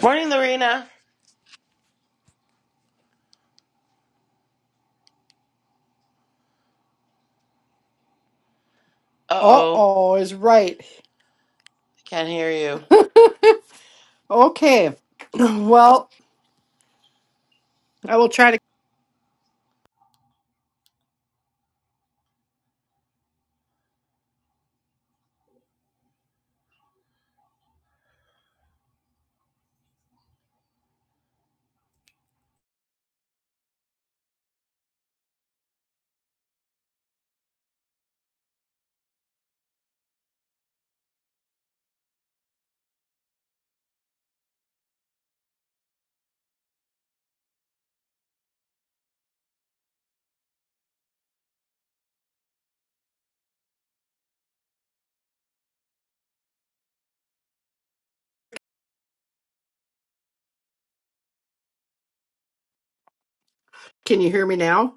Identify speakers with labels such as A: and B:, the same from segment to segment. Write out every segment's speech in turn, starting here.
A: Morning, Lorena. Uh oh,
B: Uh-oh is right.
A: can't hear you.
B: Okay. Well, I will try to. Can you hear me now,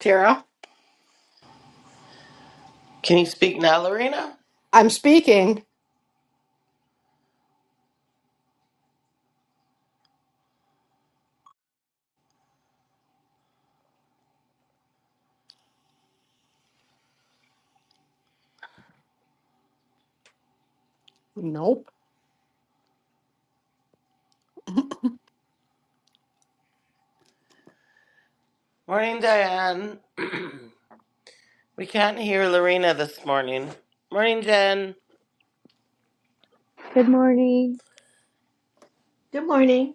B: Tara?
A: Can you speak now, Lorena?
B: I'm speaking. Nope.
A: Morning, Diane. we can't hear Lorena this morning. Morning, Jen.
C: Good morning.
D: Good morning.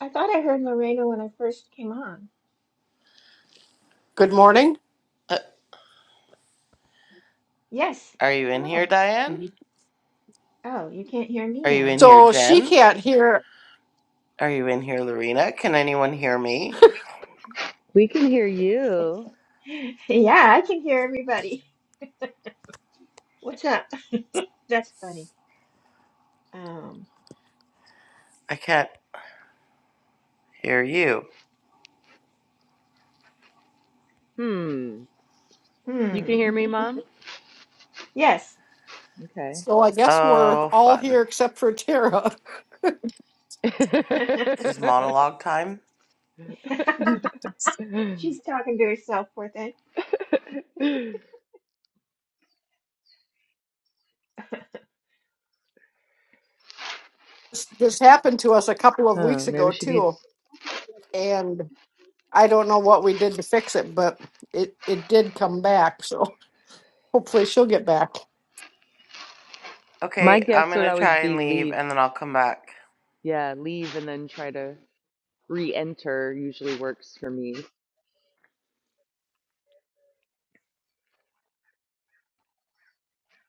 D: I thought I heard Lorena when I first came on.
B: Good morning.
A: Uh,
D: Yes.
A: are you in here,
D: Hello.
A: Diane?
D: Oh, you can't hear me
A: Are you
D: now.
A: in here,
B: So she
A: Jen?
B: can't hear.
A: Are you in here, Lorena? Can anyone hear me?
C: We can hear you.
D: Yeah, I can hear everybody. What's up? That's funny. Um,
A: I can't hear you.
C: Hmm. You can hear
D: hmm.
C: me, Mom?
D: Yes.
C: Okay.
B: So I guess we're
A: Oh,
B: all
A: fun.
B: here except for Tara.
C: huh,
A: Is this monologue time?
B: This,
D: She's talking to herself, poor thing.
B: this happened to us a couple of weeks
C: maybe
B: ago
C: she needs.
B: too, and I don't know what we did to fix it, but it it did come back. So hopefully she'll get back.
C: My
A: Okay, I'm
C: guess would
A: gonna
C: always
A: try and
C: be
A: leave
C: leave.
A: and then I'll come back.
C: Yeah, leave and then try to re enter usually works for me.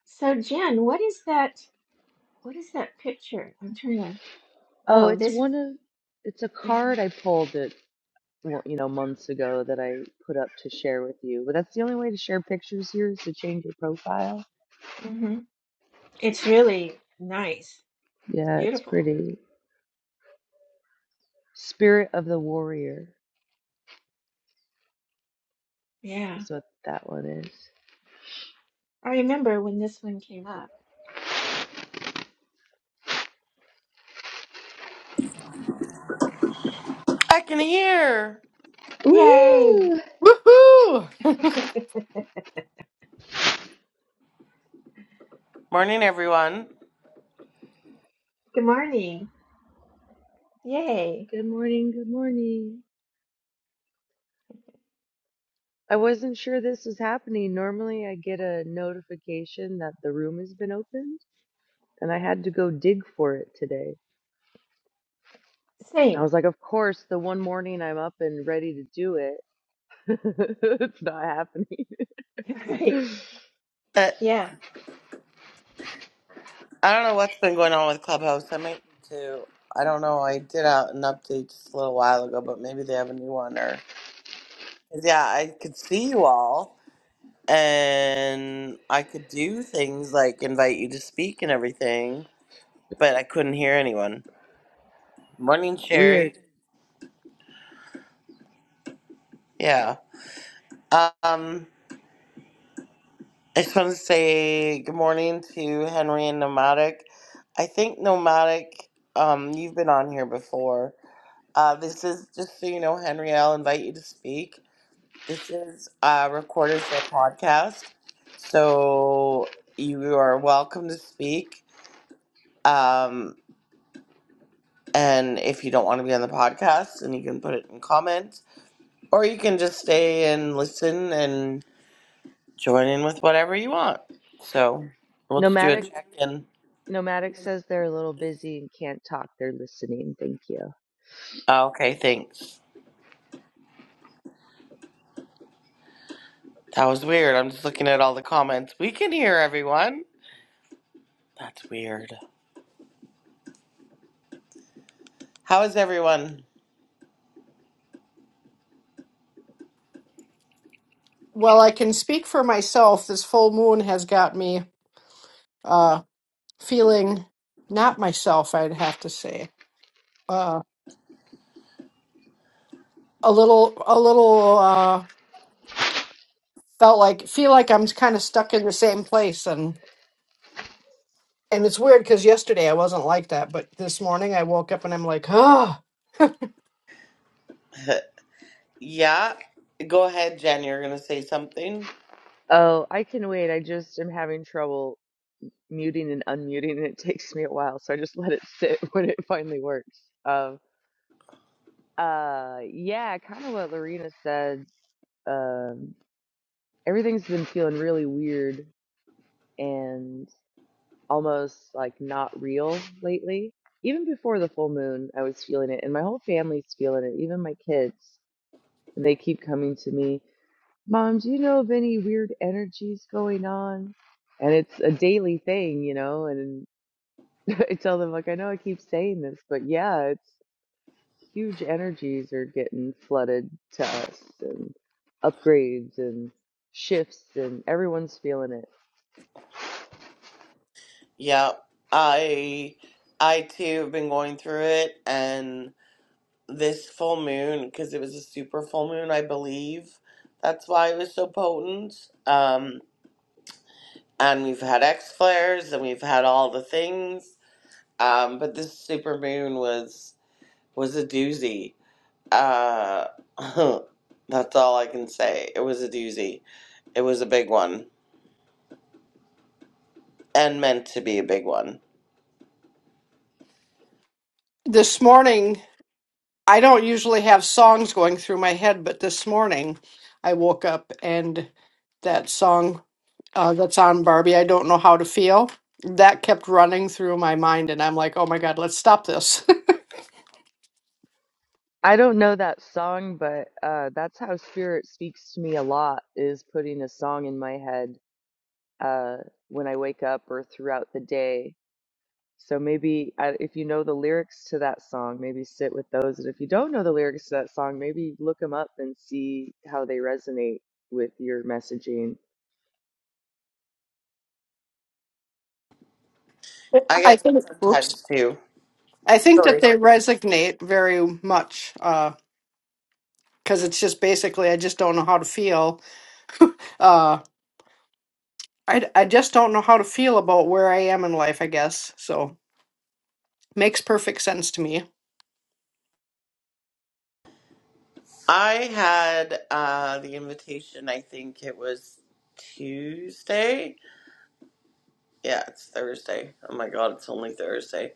D: So, Jen, what is that? What is that picture? I'm trying to.
C: Oh,
D: Oh,
C: it's
D: this was.
C: one of. It's a
D: Yeah.
C: card I pulled it, well, you know, months ago that I put up to share with you. But that's the only way to share pictures here is to change your profile.
D: hmm It's really nice. It's
C: Yeah, it's
D: beautiful.
C: pretty. Spirit of the Warrior
D: Yeah.
C: is what that one is.
D: I remember when this one came up.
A: I can hear!
D: Yay.
C: Woohoo!
B: Woohoo!
D: Good
A: Morning, everyone.
D: morning. Yay.
C: Good morning, good morning. I wasn't sure this was happening. Normally I get a notification that the room has been opened, and I had to go dig for it today. I
D: Same.
C: was like, of course, the one morning I'm up and ready to do it. it's not happening.
D: Right.
A: Uh,
D: Yeah.
A: I don't know what's been going on with Clubhouse. I might need to. I don't know. I did out an update just a little while ago, but maybe they have a new one. Or 'cause, yeah, I could see you all, and I could do things like invite you to speak and everything, but I couldn't hear anyone. Morning,
C: Weird.
A: Sherry. Yeah. Um, I just want to say good morning to Henry and Nomadic. I think Nomadic, um, you've been on here before. Uh, this is just so you know, Henry. I'll invite you to speak. This is uh, recorded for a podcast, so you are welcome to speak. Um, and if you don't want to be on the podcast, then you can put it in comments, or you can just stay and listen and join in with whatever you want. So we'll just do a
C: Nomadic
A: check in.
C: Nomadic says they're a little busy and can't talk. They're listening. Thank you.
A: Oh, Okay, thanks. That was weird. I'm just looking at all the comments. We can hear everyone. That's weird. How is everyone?
B: Well, I can speak for myself. This full moon has got me uh, feeling not myself. I'd have to say uh, a little, a little uh, felt like feel like I'm kind of stuck in the same place, and and it's weird because yesterday I wasn't like that, but this morning I woke up and I'm like, ah.
A: yeah. Go ahead, Jen. You're going to say something.
C: Oh, I can wait. I just am having trouble. muting and unmuting and it takes me a while so i just let it sit when it finally works um uh yeah kind of what lorena said um everything's been feeling really weird and almost like not real lately even before the full moon i was feeling it and my whole family's feeling it even my kids and they keep coming to me mom do you know of any weird energies going on and it's a daily thing you know and. I tell them like I know I keep saying this, but yeah, it's huge energies are getting flooded to us and upgrades and shifts and everyone's feeling it.
A: Yeah, I I too have been going through it, and this full moon because it was a super full moon, I believe. That's why it was so potent. Um, and we've had X flares, and we've had all the things. Um, but this super moon was was a doozy. Uh, that's all I can say. It was a doozy. It was a big one, and meant to be a big one.
B: This morning I don't usually have songs going through my head, but this morning I woke up and that song. uh, that's on Barbie. I don't know how to feel. That kept running through my mind, and I'm like, oh my god, let's stop this.
C: I don't know that song, but uh that's how spirit speaks to me a lot is putting a song in my head uh when I wake up or throughout the day So maybe uh, if you know the lyrics to that song, maybe sit with those. And if you don't know the lyrics to that song, maybe look them up and see how they resonate with your messaging.
A: I
B: I
A: get that
B: think, oops,
A: sometimes too.
B: I think that
A: Sorry.
B: they resonate very much because it's just basically, I just don't know how to feel. Uh, I I just don't know how to feel about where I am in life. I guess so. Makes perfect sense to me,
A: I had uh, the invitation, I think it was Tuesday. Yeah, it's Thursday. Oh my God, it's only Thursday.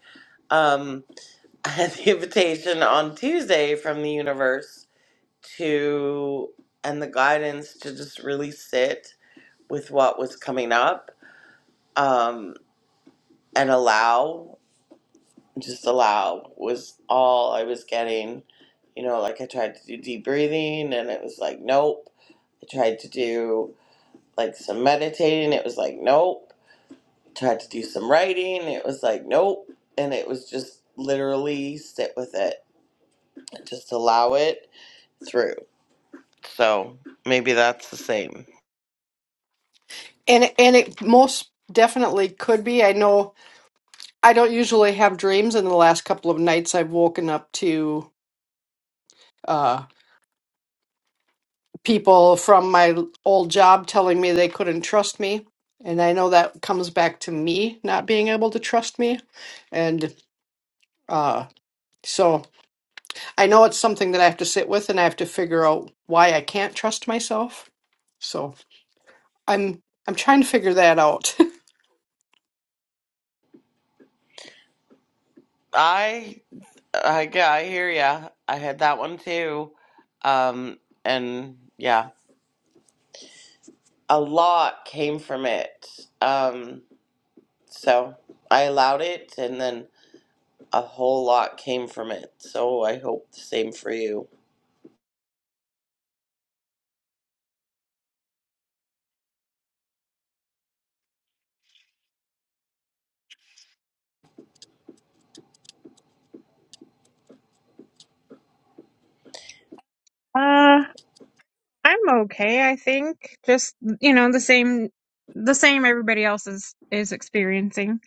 A: Um, I had the invitation on Tuesday from the universe to, and the guidance to just really sit with what was coming up um, and allow, just allow was all I was getting. You know, like I tried to do deep breathing and it was like, nope. I tried to do like some meditating. It was like, nope. Tried to do some writing. It was like, nope. And it was just literally sit with it, just allow it through. So maybe that's the same.
B: and it- and it most definitely could be. I know I don't usually have dreams, and the last couple of nights I've woken up to. uh, people from my old job telling me they couldn't trust me. And I know that comes back to me not being able to trust me. And uh, so I know it's something that I have to sit with and I have to figure out why I can't trust myself. So I'm I'm trying to figure that out.
A: I, I, yeah, I hear ya. I had that one too. Um, and yeah, a lot came from it. Um, so I allowed it and then a whole lot came from it. So I hope the same for you.
E: Uh, I'm okay, I think. Just, you know, the same the same everybody else is is experiencing.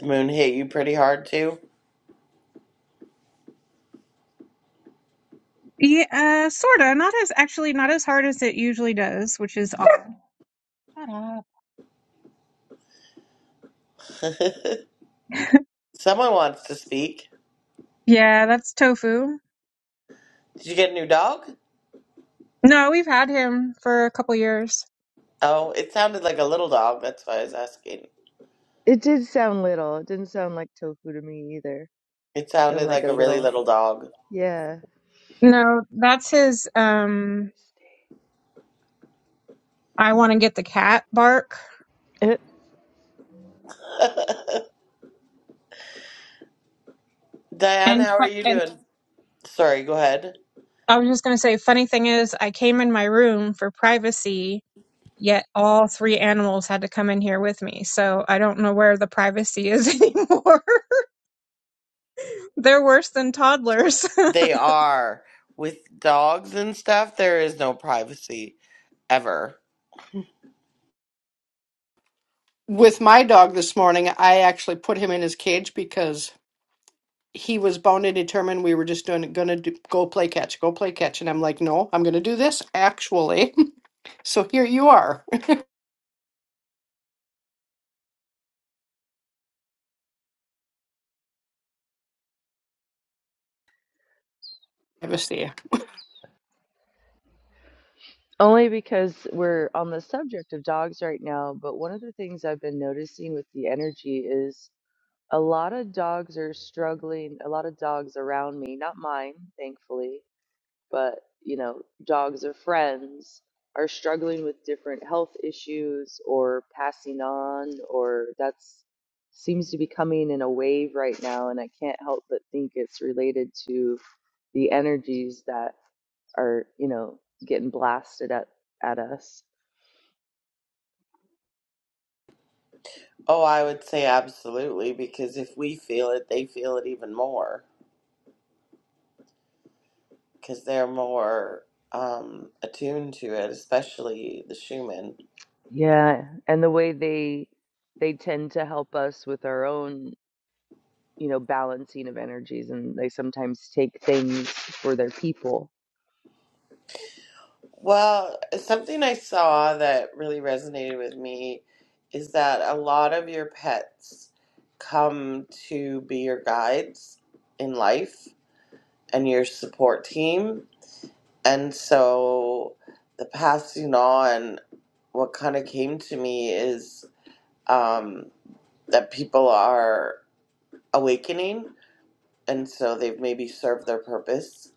A: The moon hit you pretty hard too?
E: Yeah, uh, sorta. Not as actually not as hard as it usually does, which is awful. Shut up.
A: Someone wants to speak.
E: Yeah, that's Tofu.
A: Did you get a new dog?
E: No, we've had him for a couple years.
A: Oh, it sounded like a little dog. That's why I was asking.
C: It did sound little. It didn't sound like tofu to me either.
A: It
C: Sound
A: sounded
C: like
A: like
C: a
A: a really
C: little,
A: little dog.
C: yeah.
E: No, that's his um I want to get the cat bark.
C: It,
A: Diane,
E: And
A: how are
E: fu-
A: you
E: and
A: doing? Sorry, go ahead.
E: I was just going to say funny thing is I came in my room for privacy Yet all three animals had to come in here with me. So I don't know where the privacy is anymore. They're worse than toddlers.
A: They are. With dogs and stuff, there is no privacy ever.
B: with my dog this morning, I actually put him in his cage because he was bound and determined we were just doing gonna do, go play catch, go play catch, and I'm like, no, I'm gonna do this actually. so here you are privacy.
C: only because we're on the subject of dogs right now, but one of the things I've been noticing with the energy is a lot of dogs are struggling, a lot of dogs around me, not mine, thankfully, but you know dogs or friends are struggling with different health issues or passing on or that's seems to be coming in a wave right now and i can't help but think it's related to the energies that are you know getting blasted at at us
A: Oh, I would say absolutely, because if we feel it, they feel it even more. Because they're more um, attuned to it, especially the Schumann.
C: yeah and the way they they tend to help us with our own you know balancing of energies and they sometimes take things for their people
A: Well, something I saw that really resonated with me is that a lot of your pets come to be your guides in life and your support team. And so the passing on, what kind of came to me is um, that people are awakening. And so they've maybe served their purpose,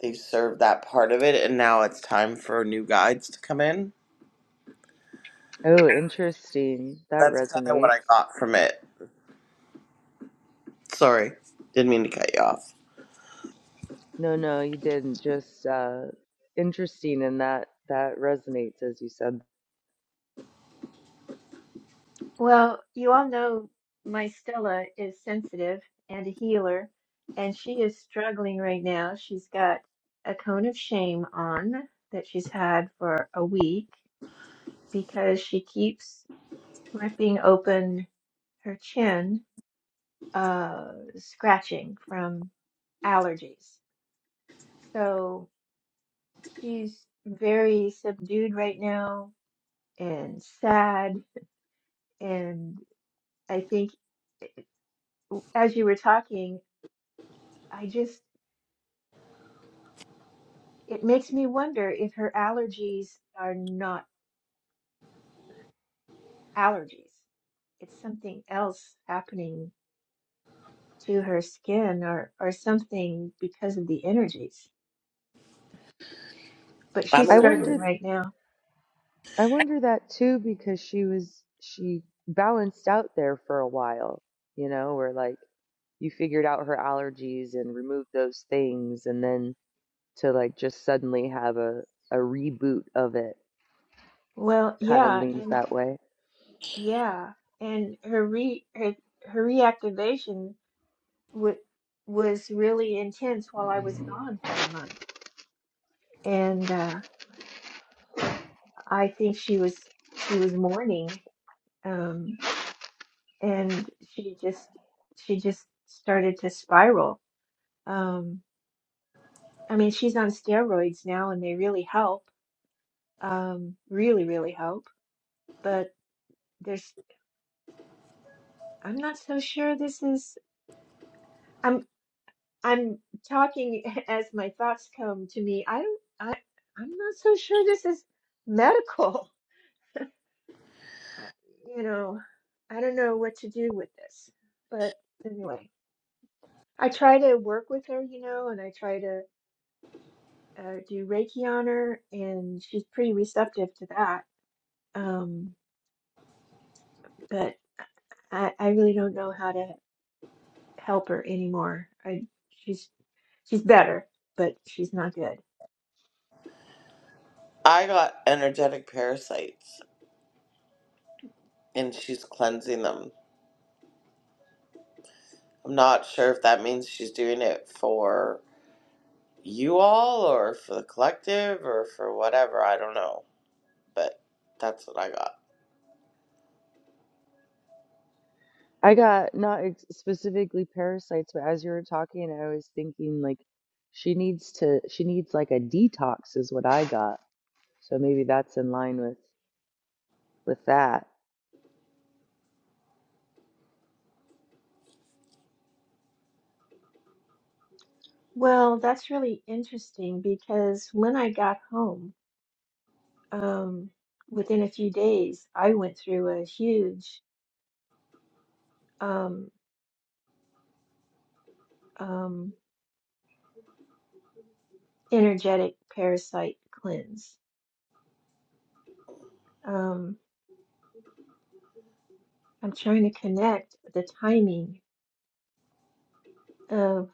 A: they've served that part of it, and now it's time for new guides to come in
C: Oh, interesting. That
A: That's kind of what I
C: resonates.
A: got from it. Sorry, didn't mean to cut you off.
C: No, no, you didn't. Just uh interesting and that that resonates as you said.
D: Well, you all know my Stella is sensitive and a healer, and she is struggling right now. She's got a cone of shame on that she's had for a week because she keeps ripping open her chin, uh, scratching from allergies. So she's very subdued right now and sad. and. I think as you were talking, I just, it makes me wonder if her allergies are not allergies. It's something else happening to her skin or, or something because of the energies. But
A: I'm
D: she's
C: I
A: gonna.
D: struggling
C: wondered
D: right now.
C: I wonder that too because she was she balanced out there for a while, you know, where like you figured out her allergies and removed those things and then to like just suddenly have a a reboot of it
D: Well,
C: kind of
D: yeah,
C: leans
D: and
C: that way.
D: yeah, and her re her, her reactivation would was really intense while I was gone for a month, and uh, I think she was she was mourning um, and she just she just started to spiral. Um, I mean, she's on steroids now, and they really help, um, really, really help. But there's, I'm not so sure this is. I'm I'm talking as my thoughts come to me. I don't. I I'm not so sure this is medical. I, you know, I don't know what to do with this. But anyway, I try to work with her, you know, and I try to uh, do Reiki on her, and she's pretty receptive to that. Um, but I, I really don't know how to help her anymore. I she's she's better, but she's not good.
A: I got energetic parasites, and she's cleansing them. I'm not sure if that means she's doing it for you all, or for the collective, or for whatever. I don't know, but that's what I got.
C: I got not ex- specifically parasites, but as you were talking, I was thinking like she needs to she needs like a detox is what I got. So maybe that's in line with with that.
D: Well, that's really interesting because when I got home, um, within a few days, I went through a huge um, um, energetic parasite cleanse. Um, I'm trying to connect the timing. of.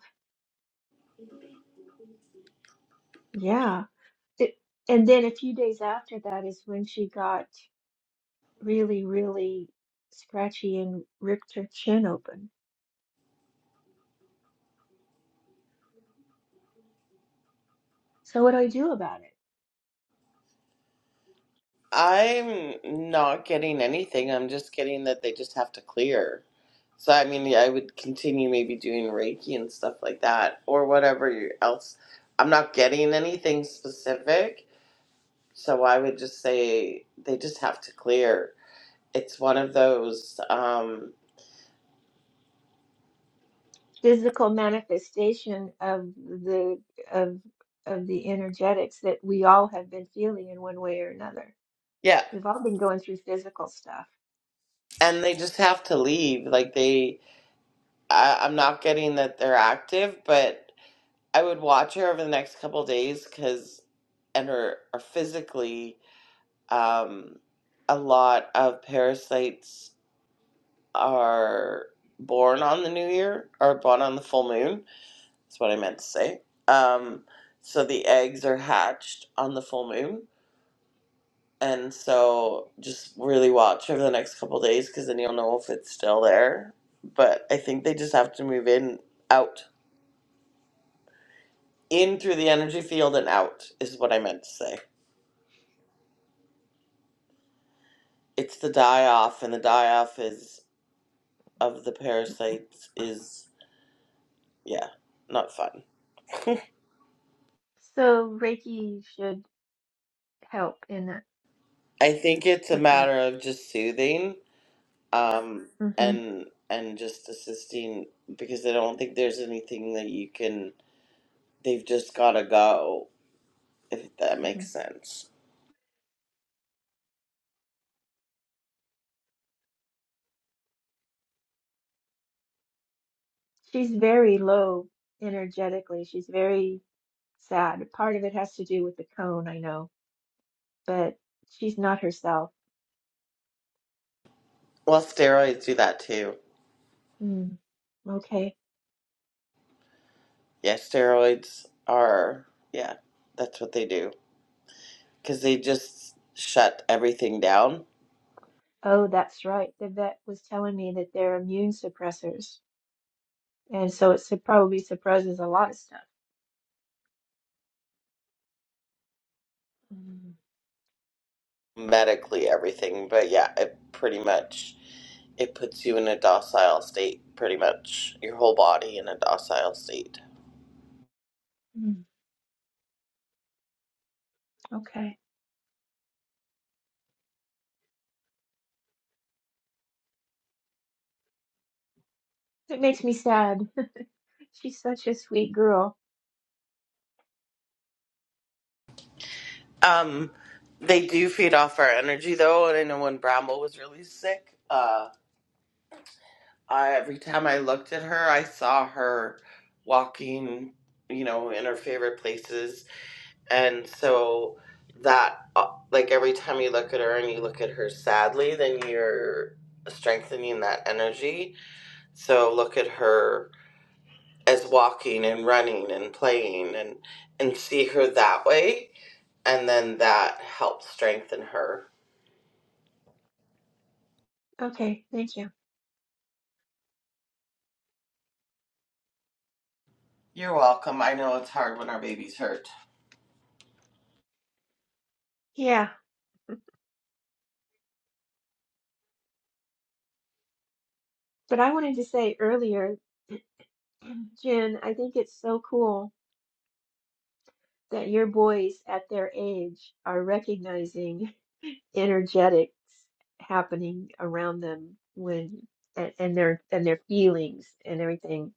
D: Yeah. It, and then a few days after that is when she got really, really scratchy and ripped her chin open. So what do I do about it?
A: I'm not getting anything. I'm just getting that they just have to clear. So I mean, I would continue maybe doing Reiki and stuff like that, or whatever you- else. I'm not getting anything specific, so I would just say they just have to clear. It's one of those, um,
D: Physical manifestation of the of of the energetics that we all have been feeling in one way or another.
A: yeah,
D: We've all been going through physical stuff.
A: and they just have to leave. Like they, I, I'm not getting that they're active, but I would watch her over the next couple days because, and her are physically Um, a lot of parasites are born on the new year or born on the full moon. That's what I meant to say. Um, so the eggs are hatched on the full moon. And so just really watch over the next couple of days because then you'll know if it's still there. But I think they just have to move in, out, in through the energy field and out is what I meant to say. It's the die off, and the die off is of the parasites is Yeah, not fun.
D: So Reiki should help in that
A: I think it's a
D: with that.
A: matter of just soothing, um,
D: hmm
A: and and just assisting because I don't think there's anything that you can. They've just gotta go if that
D: hmm
A: makes sense.
D: She's very low energetically. She's very sad. Part of it has to do with the cone, I know, but she's not herself.
A: Well, steroids do that too.
D: Mm, okay.
A: Yeah, steroids are yeah, that's what they do because they just shut everything down
D: Oh, that's right. The vet was telling me that they're immune suppressors, and so it sup- probably suppresses a lot of stuff. Mm,
A: medically, everything. But yeah, it pretty much. it puts you in a docile state pretty much your whole body in a docile state
D: mm, okay. It makes me sad. She's such a sweet girl.
A: um they do feed off our energy though and i know when bramble was really sick uh I, every time i looked at her i saw her walking you know in her favorite places and so that uh, like every time you look at her and you look at her sadly then you're strengthening that energy so look at her as walking and running and playing and and see her that way and then that helps strengthen her
D: Okay, thank you.
A: you're welcome i know it's hard when our baby's hurt
D: Yeah, but I wanted to say earlier, Jen, I think it's so cool that your boys at their age are recognizing. energetics happening around them when and, and their and their feelings and everything.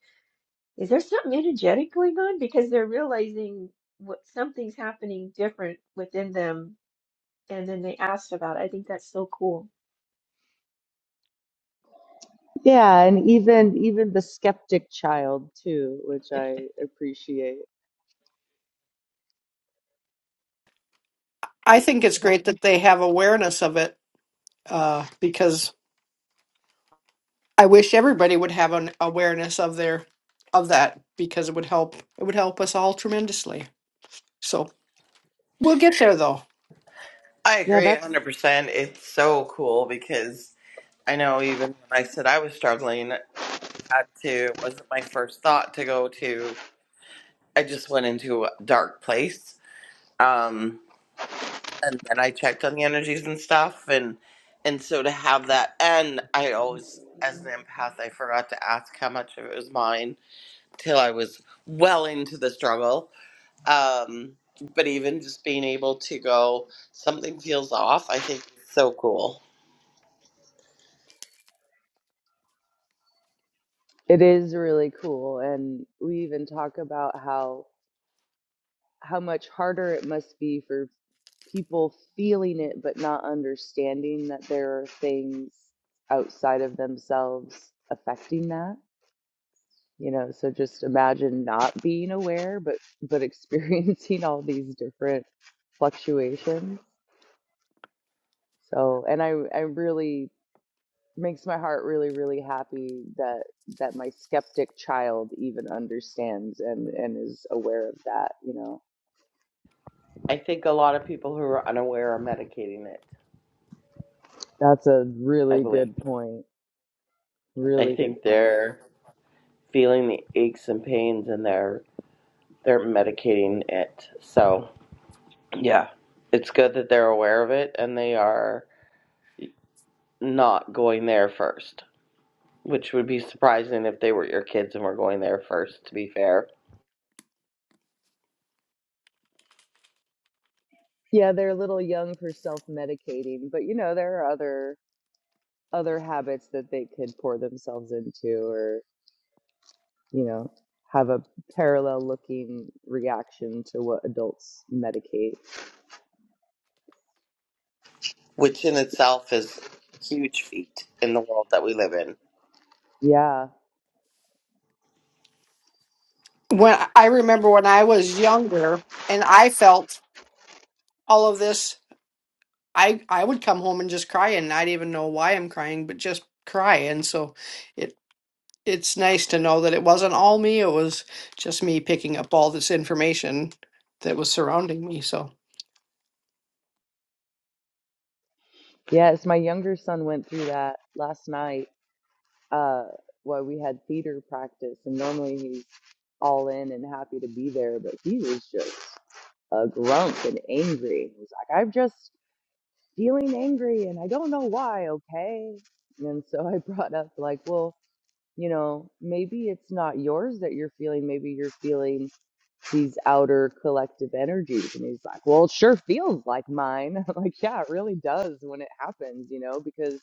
D: Is there something energetic going on? Because they're realizing what something's happening different within them and then they asked about it. I think that's so cool.
C: Yeah, and even even the skeptic child too, which I appreciate.
B: I think it's
D: Yeah.
B: great that they have awareness of it uh, because I wish everybody would have an awareness of their of that because it would help it would help us all tremendously. So we'll get there though.
A: i
C: Yeah,
A: agree
C: that's
A: 100% it's so cool because i know even when i said i was struggling I had to it wasn't my first thought to go to i just went into a dark place Um, and then I checked on the energies and stuff and and so to have that and I always as an empath I forgot to ask how much of it was mine till I was well into the struggle um but even just being able to go something feels off I think is so cool
C: it is really cool and we even talk about how how much harder it must be for people feeling it but not understanding that there are things outside of themselves affecting that you know so just imagine not being aware but but experiencing all these different fluctuations so and i i really makes my heart really really happy that that my skeptic child even understands and and is aware of that you know
A: I think a lot of people who are unaware are medicating it
C: that's a
A: I
C: really
A: believe
C: good point
A: I
C: really good
A: think
C: point
A: they're feeling the aches and pains and they're they're medicating it so Yeah. It's good that they're aware of it and they are not going there first, which would be surprising if they were your kids and were going there first, to be fair,
C: Yeah, they're a little young for self-medicating, but you know, there are other other habits that they could pour themselves into or, you know, have a parallel looking reaction to what adults medicate.
A: which in itself is a huge feat in the world that we live in.
C: Yeah.
B: When I remember when I was younger and I felt all of this, I I would come home and just cry and not even know why I'm crying, but just cry. And so it it's nice to know that it wasn't all me. It was just me picking up all this information that was surrounding me. So.
C: Yes, my younger son went through that last night. Uh, while we had theater practice, and normally he's all in and happy to be there, but he was just a grump and angry. He was like, I've just feeling angry and I don't know why, okay? And so I brought up, like, well, you know, maybe it's not yours that you're feeling. Maybe you're feeling these outer collective energies. And he's like, well, it sure feels like mine. I'm like, yeah, it really does when it happens, you know, because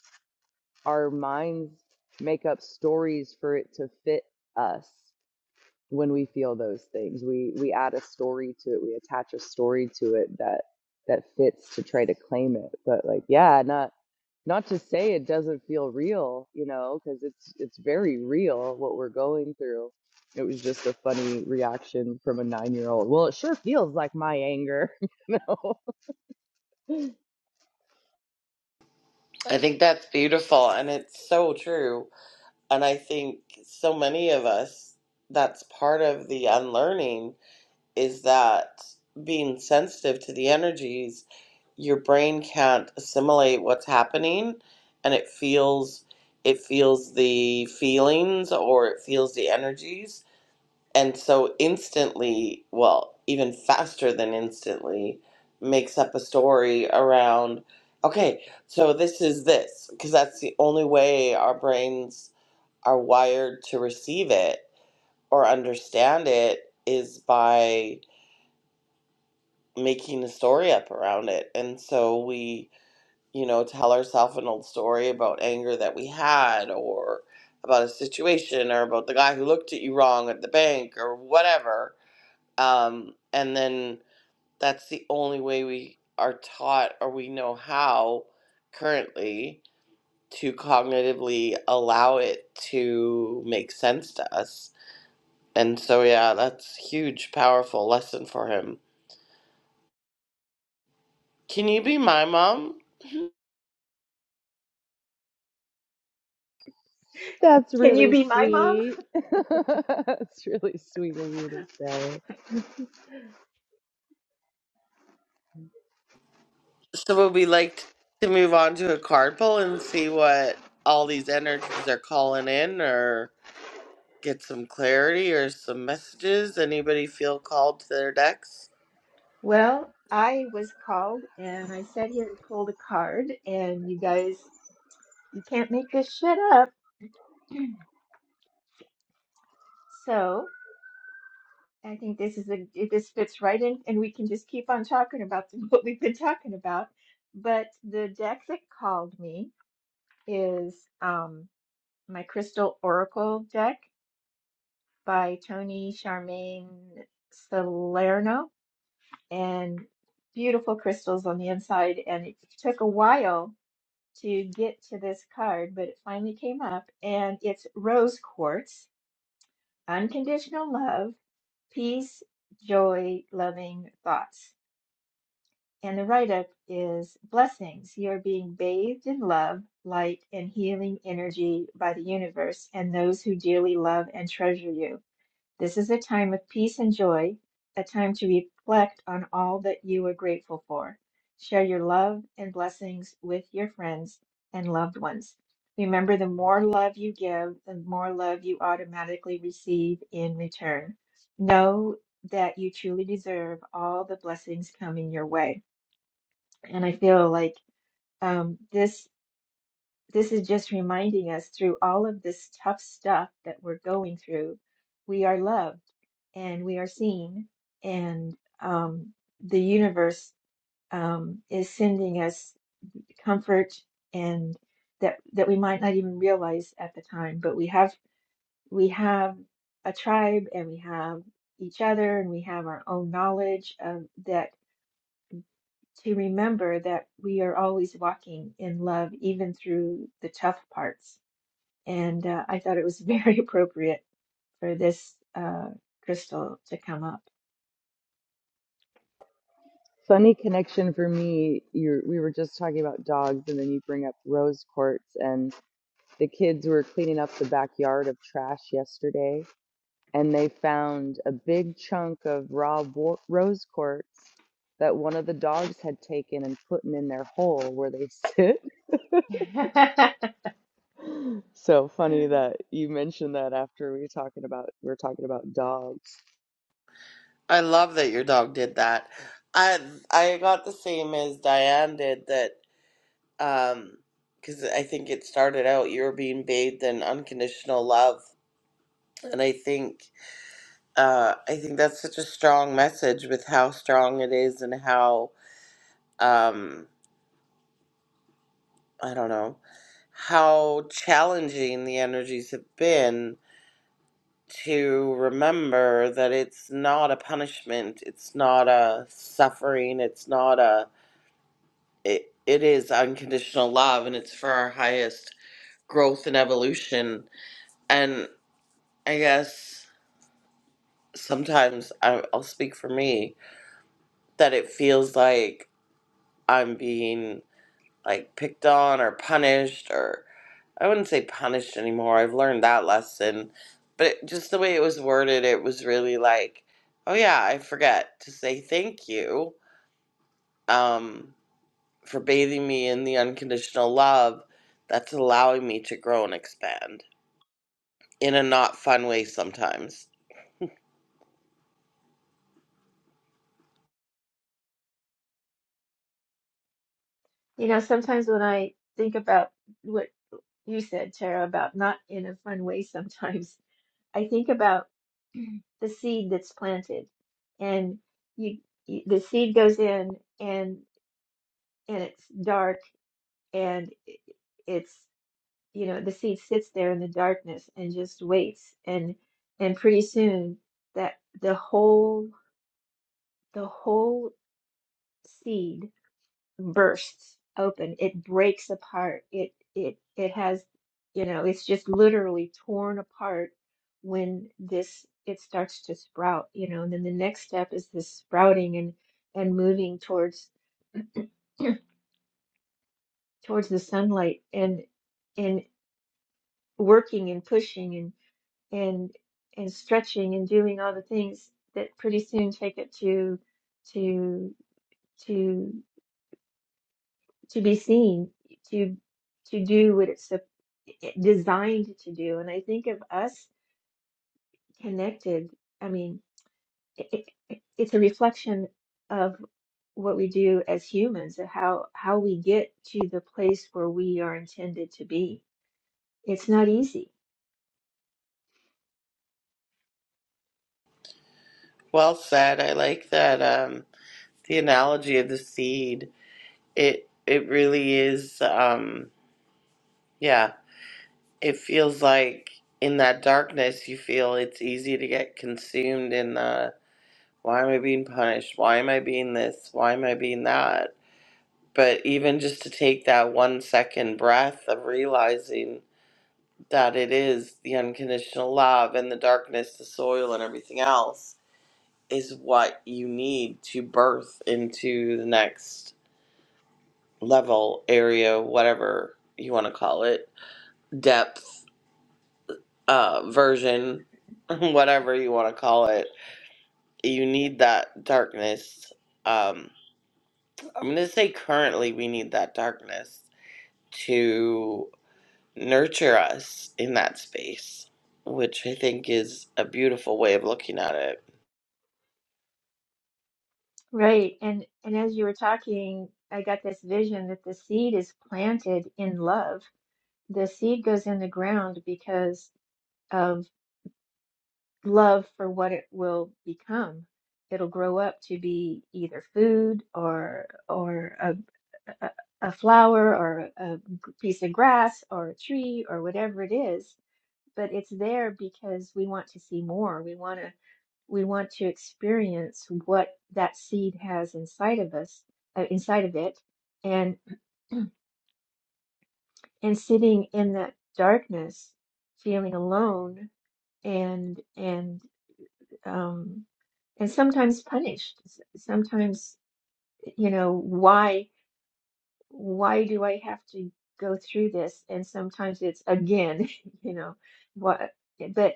C: our minds make up stories for it to fit us when we feel those things we we add a story to it we attach a story to it that that fits to try to claim it but like yeah not not to say it doesn't feel real you know because it's it's very real what we're going through it was just a funny reaction from a nine year old well it sure feels like my anger you know
A: I think that's beautiful and it's so true. And I think so many of us, that's part of the unlearning is that being sensitive to the energies your brain can't assimilate what's happening and it feels it feels the feelings or it feels the energies and so instantly well even faster than instantly makes up a story around okay so this is this because that's the only way our brains are wired to receive it or understand it is by making a story up around it and so we you know, tell ourselves an old story about anger that we had or about a situation or about the guy who looked at you wrong at the bank or whatever. Um, and then that's the only way we are taught or we know how currently to cognitively allow it to make sense to us. And so, yeah, that's huge, powerful lesson for him. Can you be my mom?
C: that's
D: Can you
C: really
D: be my mom?
C: sweet it's really sweet of you to say
A: So would we like to move on to a card pull and see what all these energies are calling in or get some clarity or some messages? Anybody feel called to their decks?
D: Well, I was called and I sat here and pulled a card and you guys you can't make this shit up. So I think this is a it- this fits right in, and we can just keep on talking about what we've been talking about. But the deck that called me is um, my Crystal Oracle deck by Tony Charmaine Salerno, and beautiful crystals on the inside. And it took a while to get to this card, but it finally came up, and it's rose quartz, unconditional love, peace, joy, loving thoughts And the write up is Blessings. You are being bathed in love, light, and healing energy by the universe and those who dearly love and treasure you. This is a time of peace and joy, a time to reflect on all that you are grateful for. Share your love and blessings with your friends and loved ones. Remember, the more love you give, the more love you automatically receive in return. Know that you truly deserve all the blessings coming your way. And I feel like um, this this is just reminding us through all of this tough stuff that we're going through, we are loved and we are seen, and um, the universe um, is sending us comfort and that that we might not even realize at the time, but we have we have a tribe and we have each other and we have our own knowledge of that to remember that we are always walking in love, even through the tough parts. And uh, I thought it was very appropriate for this uh, crystal to come up.
C: Funny connection for me. You we were just talking about dogs, and then you bring up rose quartz, and the kids were cleaning up the backyard of trash yesterday, and they found a big chunk of raw wo- rose quartz that one of the dogs had taken and put in their hole where they sit. So funny that you mentioned that after we were talking about we are talking about dogs.
A: I love that your dog did that. I I got the same as Diane did that um because I think it started out you were being bathed in unconditional love. And I think uh I think that's such a strong message with how strong it is and how um I don't know, how challenging the energies have been to remember that it's not a punishment, it's not a suffering, it's not a, it, it is unconditional love and it's for our highest growth and evolution. And I guess sometimes I, I'll speak for me that it feels like I'm being like picked on or punished or. I wouldn't say punished anymore. I've learned that lesson. But it, just the way it was worded, it was really like, oh yeah, I forget to say thank you um, for bathing me in the unconditional love that's allowing me to grow and expand in a not fun way sometimes.
D: You know, sometimes when I think about what you said, Tara, about not in a fun way, sometimes I think about the seed that's planted, and you, you the seed goes in, and and it's dark, and i- it's you know, the seed sits there in the darkness and just waits and and pretty soon that the whole the whole seed bursts open. It breaks apart. It it it has, you know, it's just literally torn apart when this it starts to sprout, you know, and then the next step is this sprouting and and moving towards towards the sunlight and and working and pushing and. and and stretching and doing all the things that pretty soon take it to to to to be seen to to do what it's sup- designed to do and i think of us connected i mean it, it, it's a reflection of what we do as humans and how how we get to the place where we are intended to be it's not easy
A: Well said. I like that um, the analogy of the seed. It it really is. Um, yeah, it feels like in that darkness you feel it's easy to get consumed in the why am i being punished why am i being this why am i being that but even just to take that one second breath of realizing that it is the unconditional love and the darkness the soil and everything else is what you need to birth into the next level area whatever you want to call it depth uh version whatever you want to call it you need that darkness um i'm gonna say currently we need that darkness to nurture us in that space which i think is a beautiful way of looking at it
D: Right. And and as you were talking, I got this vision that the seed is planted in love. The seed goes in the ground because of love for what it will become. It'll grow up to be either food or or a, a, a flower or a g- piece of grass or a tree or whatever it is. But it's there because we want to see more. We want to we want to experience what that seed has inside of us, uh, inside of it, and and sitting in that darkness, feeling alone and and um, and sometimes punished. S- Sometimes you know why why do I have to go through this? And sometimes it's again, you know what? But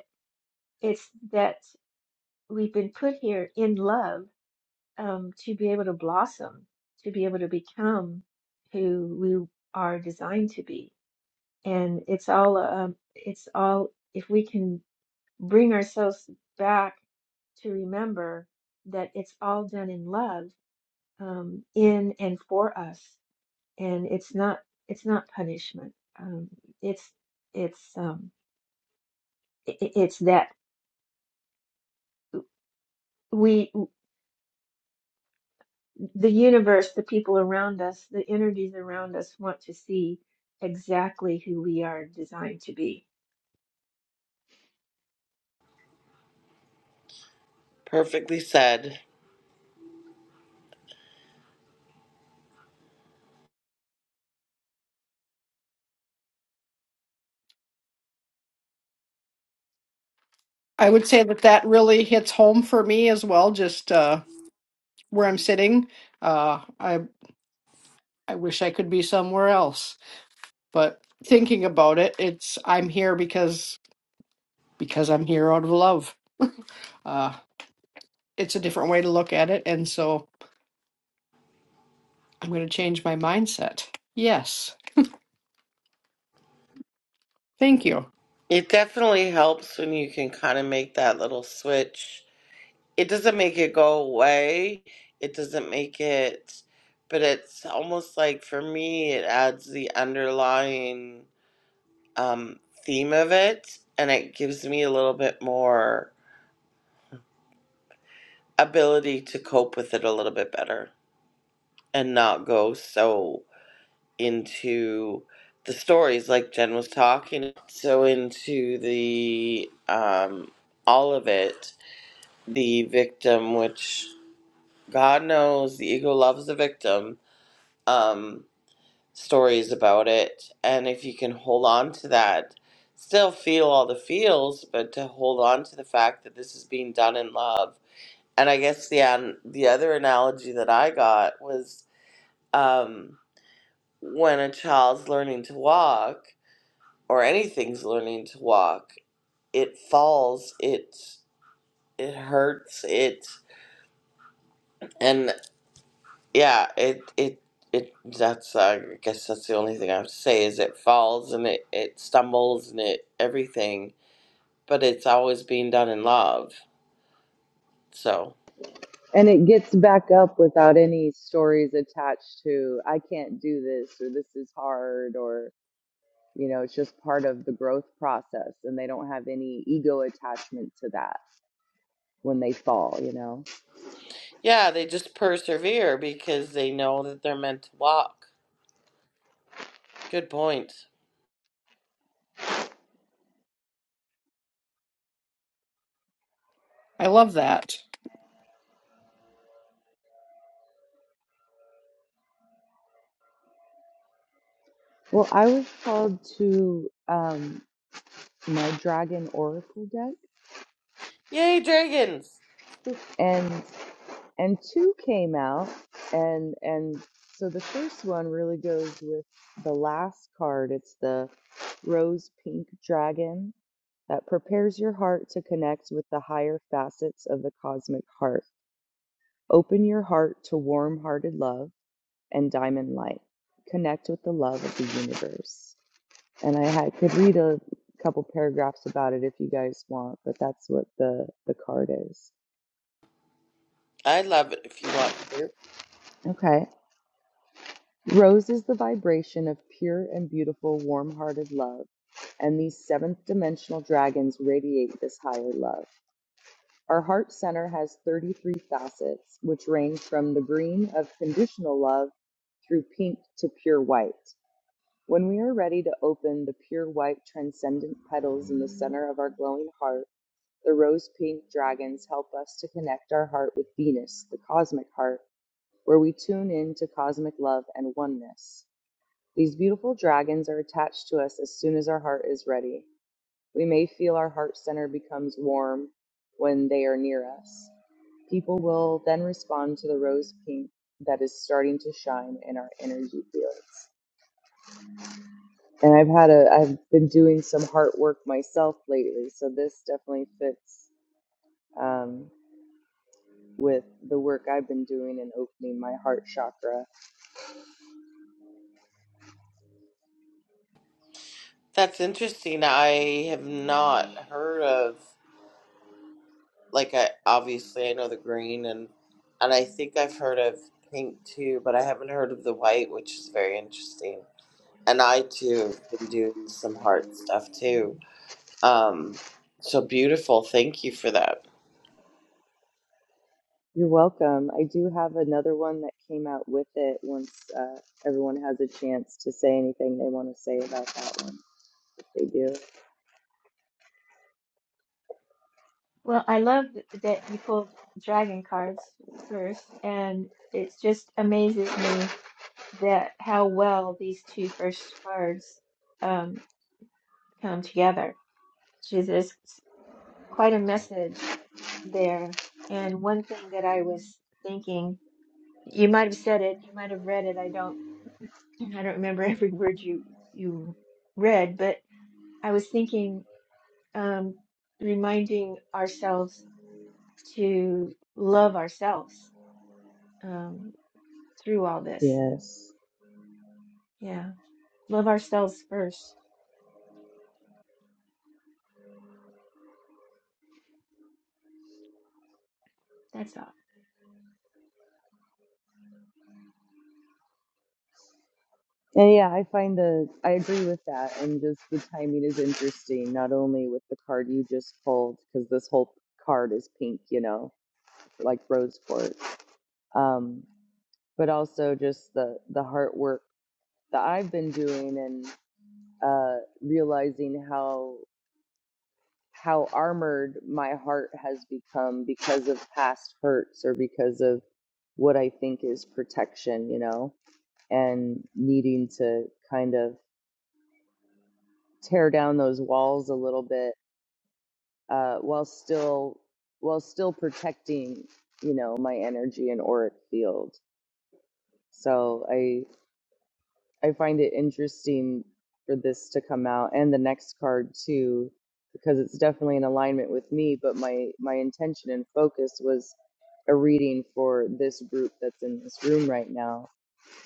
D: it's that we've been put here in love um, to be able to blossom, to be able to become who we are designed to be. And it's all, um, it's all, if we can bring ourselves back to remember that it's all done in love, um, in and for us. And it's not, it's not punishment. Um, it's, it's, um, i i- it's that. we. the universe, the people around us, the energies around us want to see exactly who we are designed to be.
A: perfectly said
B: I would say that that really hits home for me as well, just uh, where I'm sitting. Uh, I I wish I could be somewhere else, but thinking about it, it's I'm here because because I'm here out of love. Uh, it's a different way to look at it, and so I'm going to change my mindset. Yes, thank you.
A: it definitely helps when you can kind of make that little switch it doesn't make it go away. It doesn't make it, but it's almost like for me, it adds the underlying um, theme of it, and it gives me a little bit more ability to cope with it a little bit better and not go so into the stories like Jen was talking, so into the um, all of it, the victim, which God knows the ego loves the victim um, stories about it. And if you can hold on to that, still feel all the feels, but to hold on to the fact that this is being done in love. And I guess the an- the other analogy that I got was um, when a child's learning to walk or anything's learning to walk, it falls, it it hurts, it. and. yeah, it it it that's uh, I guess that's the only thing I have to say is it falls and it it stumbles and it everything, but it's always being done in love. So
C: And it gets back up without any stories attached to I can't do this or this is hard You know, it's just part of the growth process, and they don't have any ego attachment to that when they fall, you know.
A: yeah, they just persevere because they know that they're meant to walk. Good point.
B: I love that.
C: Well, I was called to um, my Dragon Oracle deck,
A: Yay, dragons!
C: and and two came out, and and so the first one really goes with the last card. It's the rose pink dragon that prepares your heart to connect with the higher facets of the cosmic heart. Open your heart to warm hearted love and diamond light. Connect with the love of the universe. And I had, could read a couple paragraphs about it if you guys want, but that's what the, the card is.
A: I love it if you want to.
C: Okay. Rose is the vibration of pure and beautiful, warm hearted love, and these seventh dimensional dragons radiate this higher love. Our heart center has 33 facets, which range from the green of conditional love through pink to pure white. When we are ready to open the pure white transcendent petals in the center of our glowing heart, the rose pink dragons help us to connect our heart with Venus, the cosmic heart, where we tune in to cosmic love and oneness. These beautiful dragons are attached to us as soon as our heart is ready. We may feel our heart center becomes warm when they are near us. People will then respond to the rose pink that is starting to shine in our energy fields. and I've had a I've been doing some heart work myself lately, so this definitely fits um, with the work I've been doing and opening my heart chakra.
A: That's interesting. I have not heard of. like I obviously I know the green and and I think I've heard of pink too, but I haven't heard of the white, which is very interesting. And I too have been doing some heart stuff too. Um, so beautiful. Thank you for that.
C: You're welcome. I do have another one that came out with it once uh, everyone has a chance to say anything they want to say about that one. they do.
D: Well, I love th- that you pulled dragon cards first, and it just amazes me that how well these two first cards um, come together, which is is quite a message there. And one thing that I was thinking, you might have said it, you might have read it. I don't, I don't remember every word you you read, but I was thinking, um, reminding ourselves to love ourselves um, through all this.
C: Yes.
D: Yeah, love ourselves first. That's all.
C: And yeah, I find the I agree with that, and just the timing is interesting. Not only with the card you just pulled, because this whole card is pink, you know, like rose quartz. um, but also just the the heart work that I've been doing and uh, realizing how how armored my heart has become because of past hurts or because of what I think is protection, you know, and needing to kind of tear down those walls a little bit uh, while still while still protecting, you know, my energy and auric field. So I. I find it interesting for this to come out and the next card too, because it's definitely in alignment with me. But my my intention and focus was a reading for this group that's in this room right now.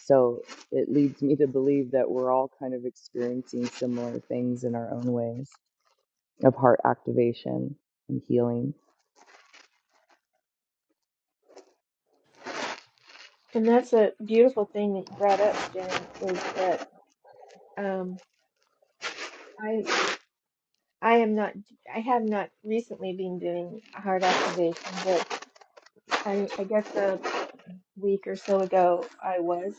C: So it leads me to believe that we're all kind of experiencing similar things in our own ways of heart activation and healing.
D: And that's a beautiful thing that you brought up, Jen, is that um, I I am not I have not recently been doing heart activation, I, I guess a week or so ago I was.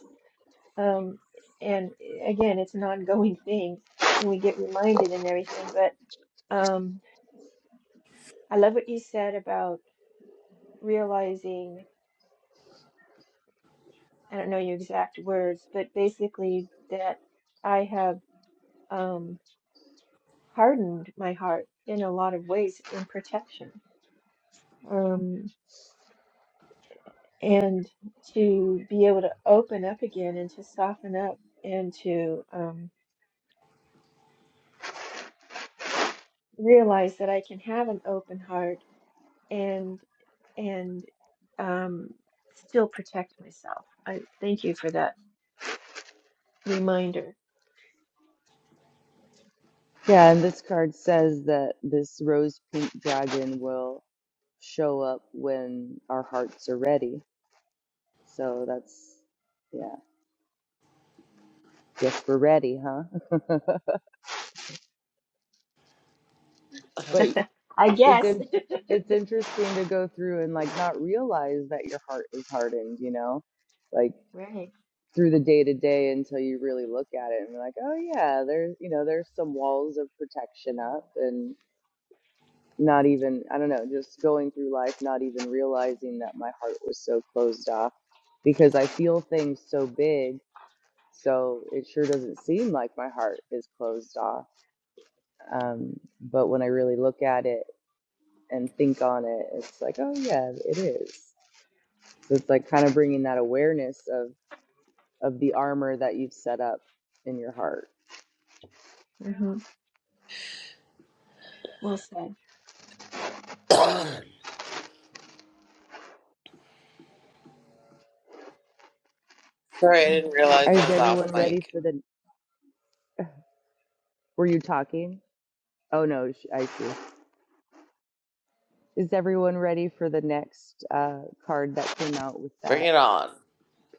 D: Um, and eh, again, it's an ongoing thing and we get reminded and everything. But um, I love what you said about realizing, I don't know your exact words, but basically that I have um, hardened my heart in a lot of ways in protection. Um, and to be able to open up again and to soften up and to um, realize that I can have an open heart and and um, still protect myself. I thank you for that reminder.
C: Yeah, and this card says that this rose pink dragon will show up when our hearts are ready So that's yeah. Guess we're ready, huh? but
D: I
C: it's
D: guess.
C: in, it's interesting to go through and like not realize that your heart is hardened, you know, like
D: Right.
C: through the day to day until you really look at it and be like, oh yeah, there's you know there's some walls of protection up and not even I don't know, just going through life not even realizing that my heart was so closed off because I feel things so big, so it sure doesn't seem like my heart is closed off Um, but when I really look at it and think on it, it's like, oh yeah, it is. So it's like kind of bringing that awareness of of the armor that you've set up in your heart.
D: hmm Well said.
A: Sorry, I didn't realize I
C: Is
A: was off
C: everyone ready
A: mic.
C: for the? Were you talking? Oh no, sh- I see. Is everyone ready for the next uh, card that came out with
A: Bring
C: that
A: it on.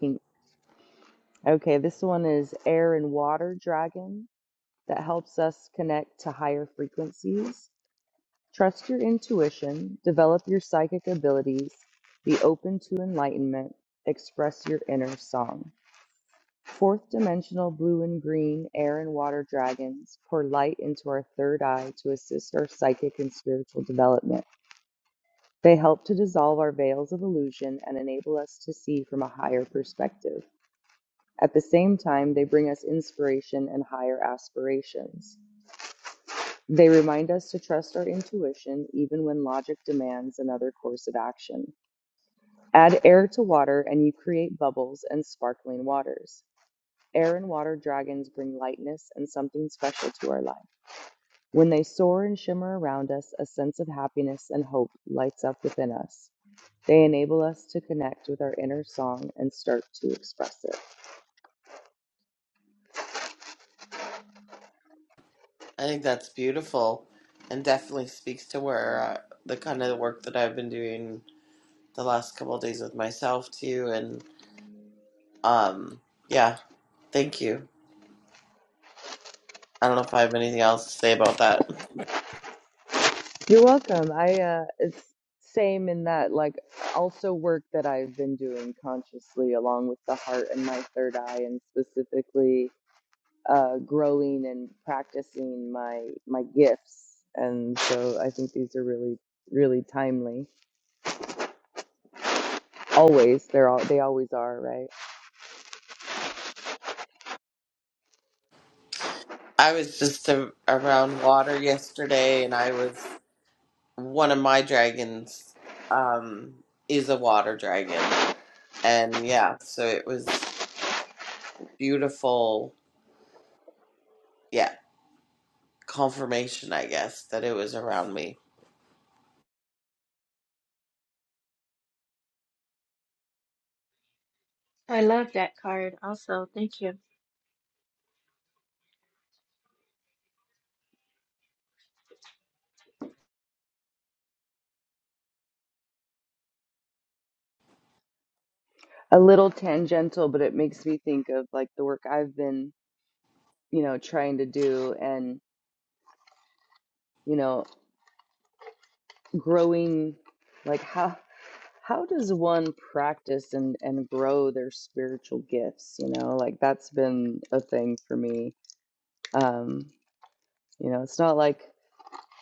C: pink? Okay, this one is air and water dragon that helps us connect to higher frequencies Trust your intuition, develop your psychic abilities, be open to enlightenment, express your inner song. Fourth dimensional blue and green air and water dragons pour light into our third eye to assist our psychic and spiritual development. They help to dissolve our veils of illusion and enable us to see from a higher perspective. At the same time, they bring us inspiration and higher aspirations. They remind us to trust our intuition even when logic demands another course of action. Add air to water and you create bubbles and sparkling waters. Air and water dragons bring lightness and something special to our life. When they soar and shimmer around us, a sense of happiness and hope lights up within us. They enable us to connect with our inner song and start to express it.
A: I think that's beautiful, and definitely speaks to where uh, the kind of work that I've been doing the last couple of days with myself too. And um, yeah, thank you. I don't know if I have anything else to say about that.
C: You're welcome. I uh it's same in that like also work that I've been doing consciously along with the heart and my third eye and specifically uh growing and practicing my my gifts. And so I think these are really really timely. Always they're all they always are, right?
A: I was just a, around water yesterday, and I was one of my dragons um, is a water dragon, and yeah, so it was beautiful. Yeah, confirmation, I guess, that it was around me.
D: I love that card. Also, thank you.
C: A little tangential, but it makes me think of like the work I've been, you know, trying to do and, you know, growing like how How does one practice and, and grow their spiritual gifts? You know, like that's been a thing for me. Um, you know, it's not like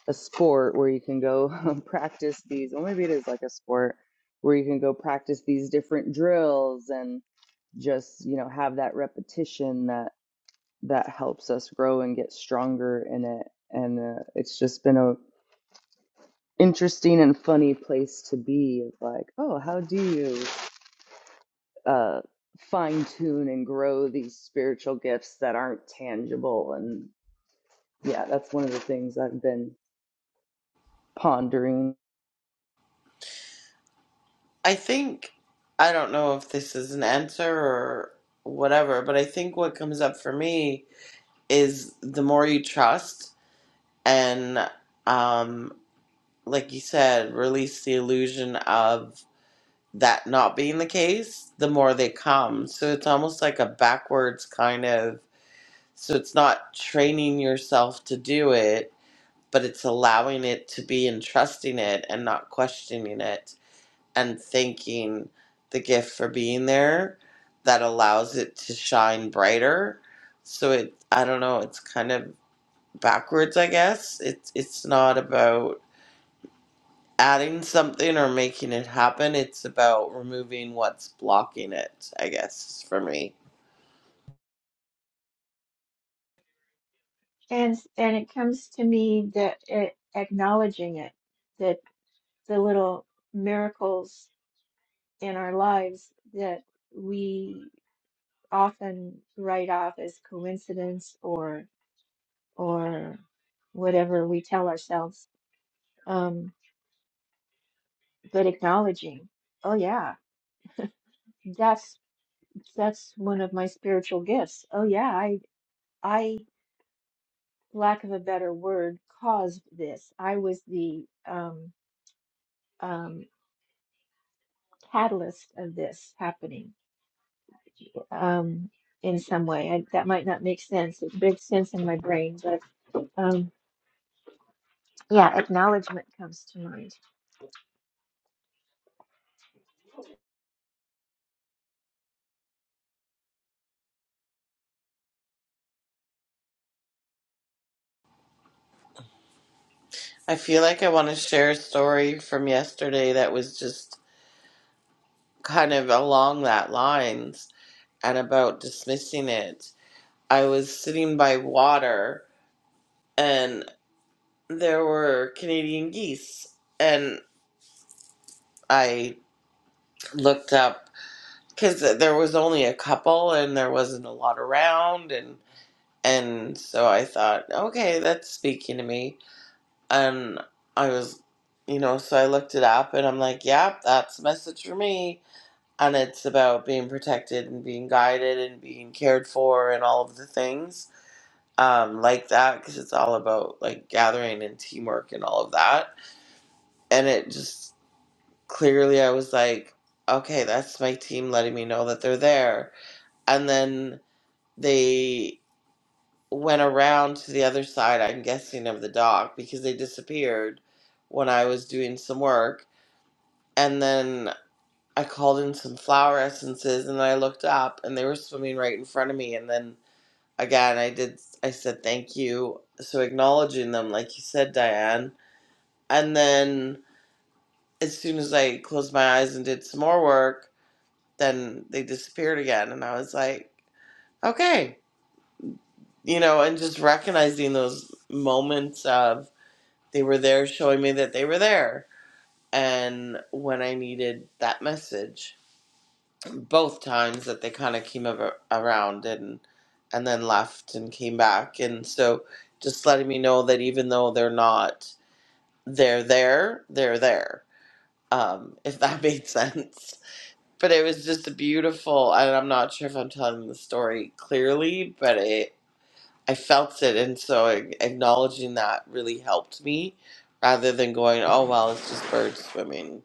C: a sport where you can go practice these, well, maybe it is like a sport where you can go practice these different drills and just, you know, have that repetition that that helps us grow and get stronger in it. And uh, it's just been a interesting and funny place to be of like, oh, how do you? uh, fine tune and grow these spiritual gifts that aren't tangible. And yeah, that's one of the things I've been pondering.
A: I think I don't know if this is an answer or whatever, but I think what comes up for me is the more you trust and um, like you said, release the illusion of that not being the case, the more they come. So it's almost like a backwards kind of. So it's not training yourself to do it, but it's allowing it to be and trusting it and not questioning it and thanking the gift for being there that allows it to shine brighter. So it, I don't know, it's kind of backwards, I guess. It's it's not about adding something or making it happen. It's about removing what's blocking it, I guess, for me.
D: And and it comes to me that it, acknowledging it, that the little miracles in our lives that we often write off as coincidence or or whatever we tell ourselves, um, but acknowledging, oh yeah, that's that's one of my spiritual gifts. Oh yeah, I I lack of a better word caused this. I was the um, um, catalyst of this happening um, in some way. I, that might not make sense. It makes sense in my brain, but um, yeah, acknowledgement comes to mind.
A: I feel like I want to share a story from yesterday that was just kind of along that lines and about dismissing it. I was sitting by water and there were Canadian geese and I looked up because there was only a couple and there wasn't a lot around and and so I thought, okay, that's speaking to me. and I was, you know, so I looked it up and I'm like, yep, that's a message for me. And it's about being protected and being guided and being cared for and all of the things um, like that because it's all about like gathering and teamwork and all of that. And it just clearly, I was like, okay, that's my team letting me know that they're there. And then they went around to the other side, I'm guessing, of the dock because they disappeared when I was doing some work And then I called in some flower essences and I looked up and they were swimming right in front of me. And then again, I did, I said thank you. So acknowledging them, like you said, Diane. And then as soon as I closed my eyes and did some more work, then they disappeared again. And I was like, okay, you know, and just recognizing those moments of they were there showing me that they were there. And when I needed that message. both times that they kind of came around and and then left and came back and so just letting me know that even though they're not they're there they're there um if that made sense but it was just a beautiful and i'm not sure if i'm telling the story clearly but it i felt it and so a- acknowledging that really helped me rather than going oh well it's just birds swimming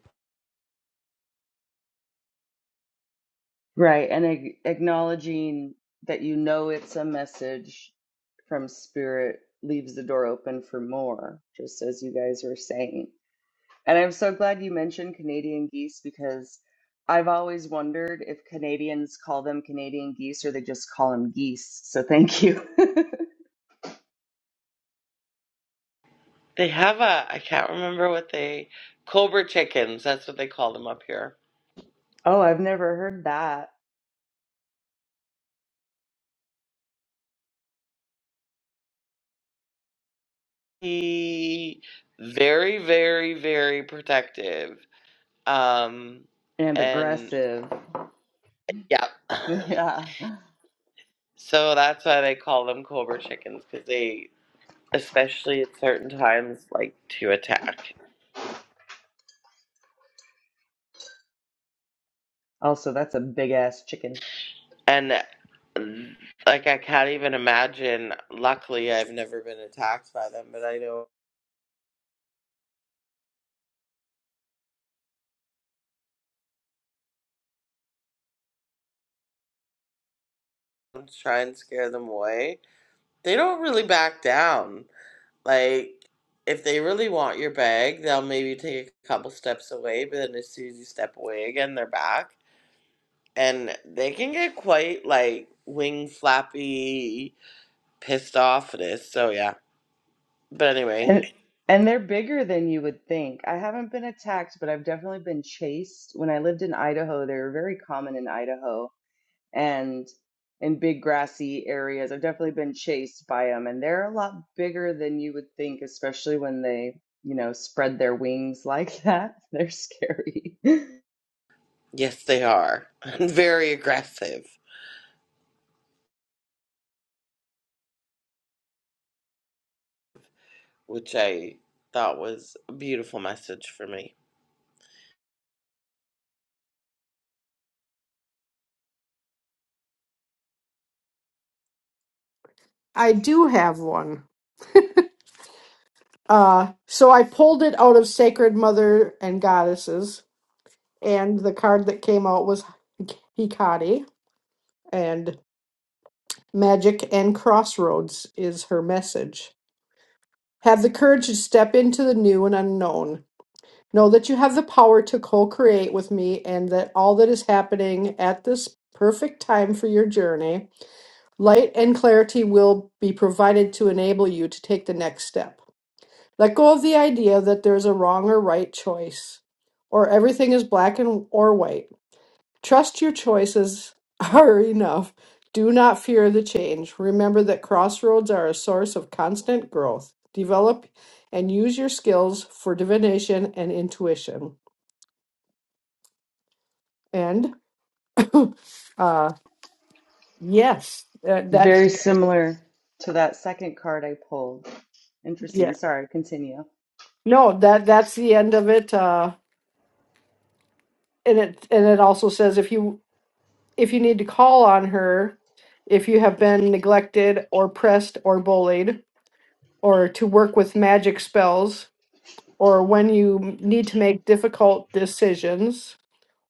C: Right. And ag- acknowledging that you know it's a message from spirit leaves the door open for more, just as you guys were saying. And I'm so glad you mentioned Canadian geese because I've always wondered if Canadians call them Canadian geese or they just call them geese. So thank you.
A: They have a, I can't remember what they, Cobra chickens, that's what they call them up here.
C: oh, I've never heard that.
A: He, very, very, very protective. Um,
C: and
A: and
C: aggressive.
A: yeah.
C: Yeah.
A: So that's why they call them Cobra chickens, because they, especially at certain times, like to attack.
C: Also, that's a big ass chicken.
A: And like, I can't even imagine. Luckily, I've never been attacked by them, but I know when I try and scare them away. They don't really back down Like, if they really want your bag, they'll maybe take a couple steps away, but then as soon as you step away again, they're back. And they can get quite, like, wing flappy, pissed off at us. So, yeah. But anyway,
C: And and they're bigger than you would think. I haven't been attacked, but I've definitely been chased. When I lived in Idaho, they were very common in Idaho and in big grassy areas. I've definitely been chased by them, and they're a lot bigger than you would think, especially when they, you know, spread their wings like that. They're scary.
A: yes, they are. And very aggressive, which I thought was a beautiful message for me.
B: I do have one. Uh, so I pulled it out of Sacred Mother and Goddesses, and the card that came out was Hikari, and Magic and crossroads is her message. Have the courage to step into the new and unknown. Know that you have the power to co create with me and that all that is happening at this perfect time for your journey, light and clarity will be provided to enable you to take the next step. Let go of the idea that there is a wrong or right choice, or everything is black and or white. Trust your choices are enough. Do not fear the change. Remember that crossroads are a source of constant growth. Develop and use your skills for divination and intuition. And uh yes, that, that
C: Very similar to that second card I pulled.
B: yeah.
C: Interesting. Sorry, continue.
B: No, that that's the end of it. Uh and it and it also says if you if you need to call on her if you have been neglected or pressed or bullied or to work with magic spells or when you need to make difficult decisions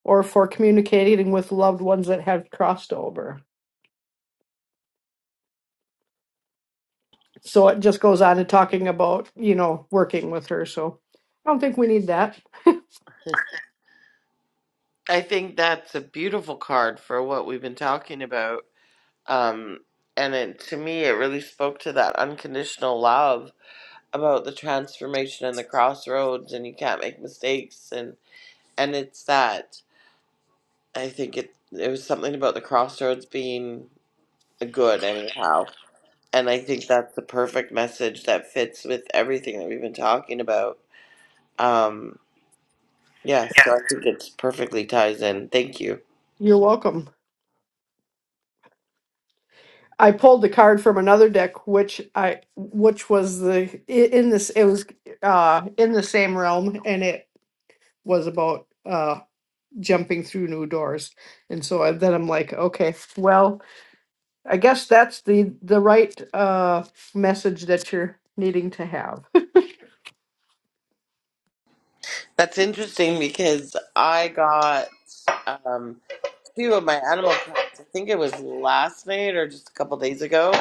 B: or for communicating with loved ones that have crossed over. So it just goes on to talking about, you know, working with her. So I don't think we need that.
A: I think that's a beautiful card for what we've been talking about. Um, and it, to me, it really spoke to that unconditional love about the transformation and the crossroads and you can't make mistakes and and it's that I think it it was something about the crossroads being good anyhow. And I think that's the perfect message that fits with everything that we've been talking about. Um yeah, so I think it perfectly ties in. Thank you.
B: You're welcome. I pulled the card from another deck, which I, which was the i- in this, it was uh, in the same realm, and it was about uh, jumping through new doors. And so I, then I'm like, okay, well, I guess that's the the right uh message that you're needing to have.
A: That's interesting because I got um two of my animal cards. I think it was last night or just a couple days ago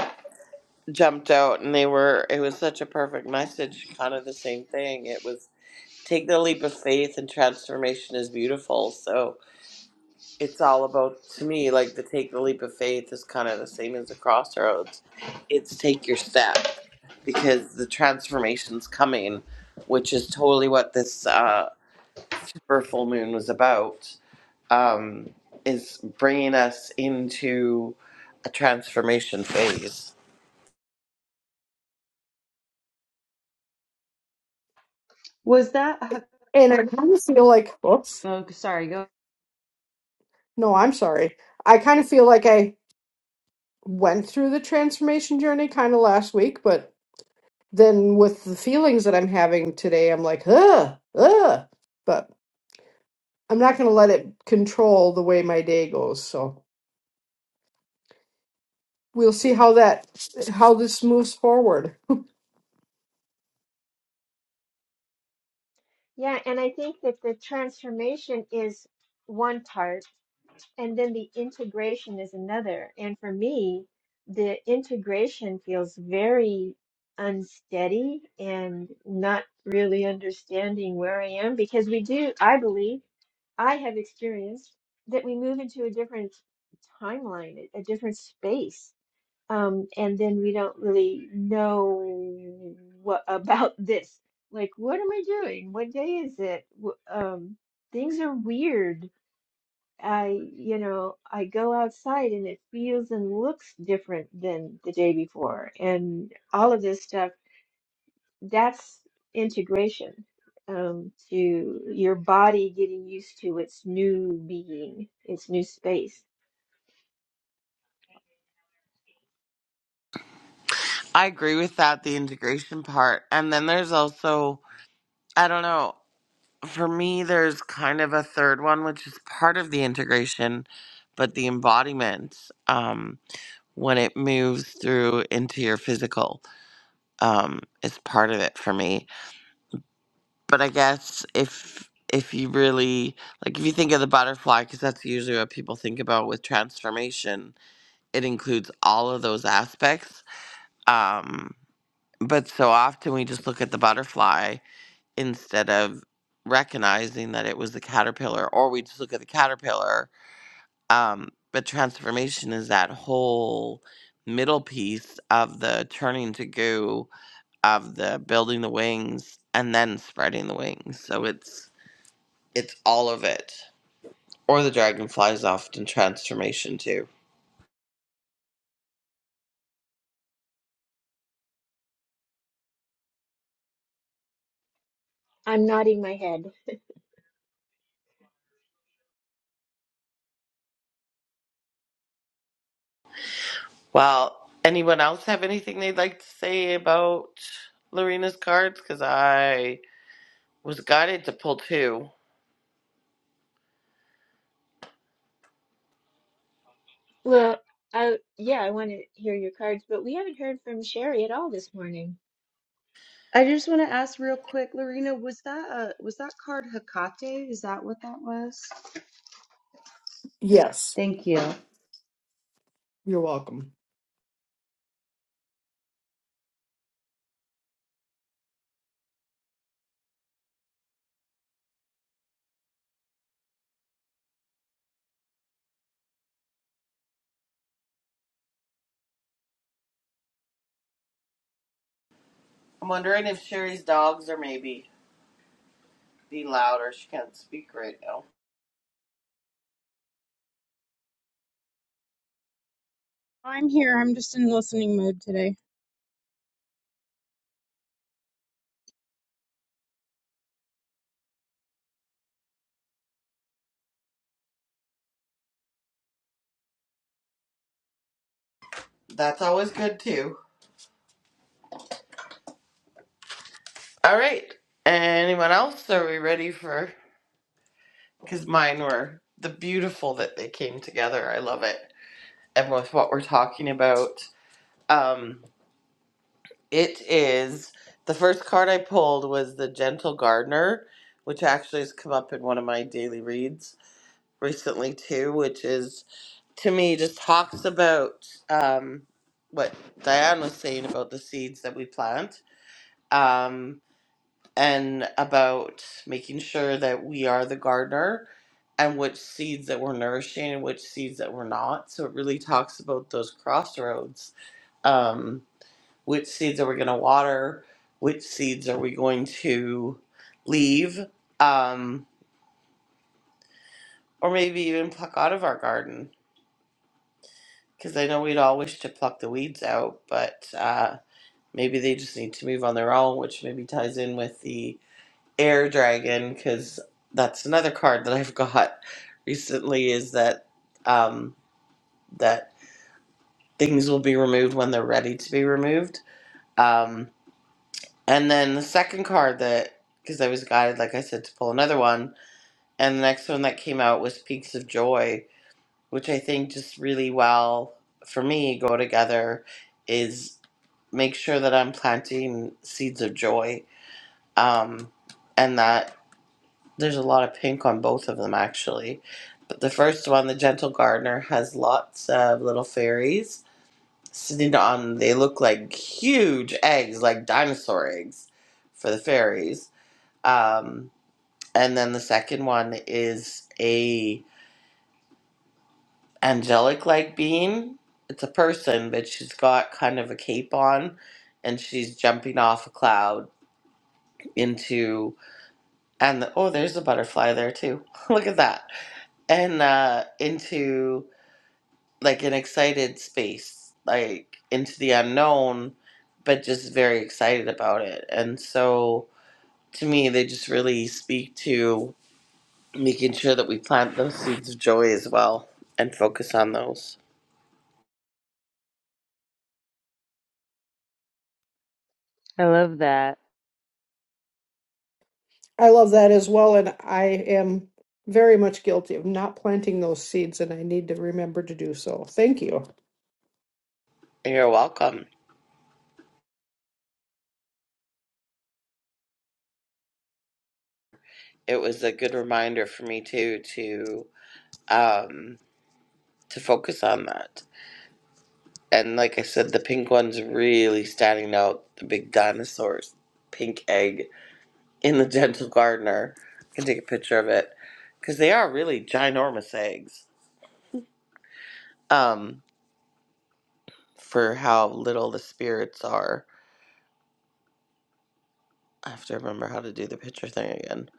A: jumped out and they were it was such a perfect message kind of the same thing it was take the leap of faith and transformation is beautiful so it's all about to me like the take the leap of faith is kind of the same as the crossroads it's take your step because the transformation's coming which is totally what this uh super full moon was about um is bringing us into a transformation phase
C: Was that a,
B: And I kind of feel like, oops,
C: oh, sorry, go.
B: no, I'm sorry. I kind of feel like I went through the transformation journey kind of last week, but then with the feelings that I'm having today, I'm like, ugh, ugh. But I'm not going to let it control the way my day goes. So we'll see how that how this moves forward.
D: Yeah, and I think that the transformation is one part And then the integration is another. And for me, the integration feels very unsteady and not really understanding where I am because we do, I believe, I have experienced that we move into a different timeline, a a different space. Um, and then we don't really know what about this. Like, what am I doing? What day is it? Wh- Um, things are weird I, you know, I go outside and it feels and looks different than the day before, and all of this stuff, that's integration um, to your body getting used to its new being, its new space.
A: I agree with that, the integration part. And then there's also, I don't know, for me, there's kind of a third one, which is part of the integration, but the embodiment um, when it moves through into your physical um, is part of it for me. But I guess if if you really like if you think of the butterfly because that's usually what people think about with transformation it includes all of those aspects um but so often we just look at the butterfly instead of recognizing that it was the caterpillar or we just look at the caterpillar um, but transformation is that whole middle piece of the turning to goo of the building the wings and then spreading the wings so it's it's all of it or the dragonfly is often transformation too
D: I'm nodding my head.
A: well anyone else have anything they'd like to say about lorena's cards because i was guided to pull two
D: Well, I, yeah, I want to hear your cards, but we haven't heard from Sherry at all this morning.
C: I just want to ask real quick, Lorena, was that a, was that card Hecate? Is that what that was?
B: Yes,
C: Thank you.
B: you're welcome.
A: I'm wondering if Sherry's dogs are maybe be louder. She can't speak right now.
E: I'm here. I'm just in listening mode today.
A: That's always good too. All right. Anyone else? Are we ready for? Because mine were the beautiful that they came together. I love it. And with what we're talking about, um, it is the first card I pulled was the Gentle Gardener, which actually has come up in one of my daily reads recently too, which is to me just talks about um, what Diane was saying about the seeds that we plant um, and about making sure that we are the gardener and which seeds that we're nourishing and which seeds that we're not. So it really talks about those crossroads. Um, which seeds are we going to water? Which seeds are we going to leave? Um, or maybe even pluck out of our garden? Because I know we'd all wish to pluck the weeds out, but. Uh, Maybe they just need to move on their own, which maybe ties in with the air dragon because that's another card that I've got recently is that um, that things will be removed when they're ready to be removed. Um, and then the second card that because I was guided, like I said, to pull another one, and the next one that came out was Peaks of Joy, which I think just really well for me go together is make sure that I'm planting seeds of joy um, and that there's a lot of pink on both of them actually. But the first one, the Gentle Gardener, has lots of little fairies sitting on. They look like huge eggs, like dinosaur eggs, for the fairies. Um, and then the second one is a angelic like being. It's a person, but she's got kind of a cape on, and she's jumping off a cloud into and the, oh, there's a butterfly there too. Look at that and uh into like an excited space like into the unknown but just very excited about it and so to me they just really speak to making sure that we plant those seeds of joy as well and focus on those
C: I love that.
B: I love that as well, and I am very much guilty of not planting those seeds, and I need to remember to do so. Thank you.
A: you're welcome it was a good reminder for me too to um to focus on that and like i said the pink one's really standing out the big dinosaurs pink egg in the Gentle Gardener. I can take a picture of it because they are really ginormous eggs. Um, for how little the spirits are. I have to remember how to do the picture thing again.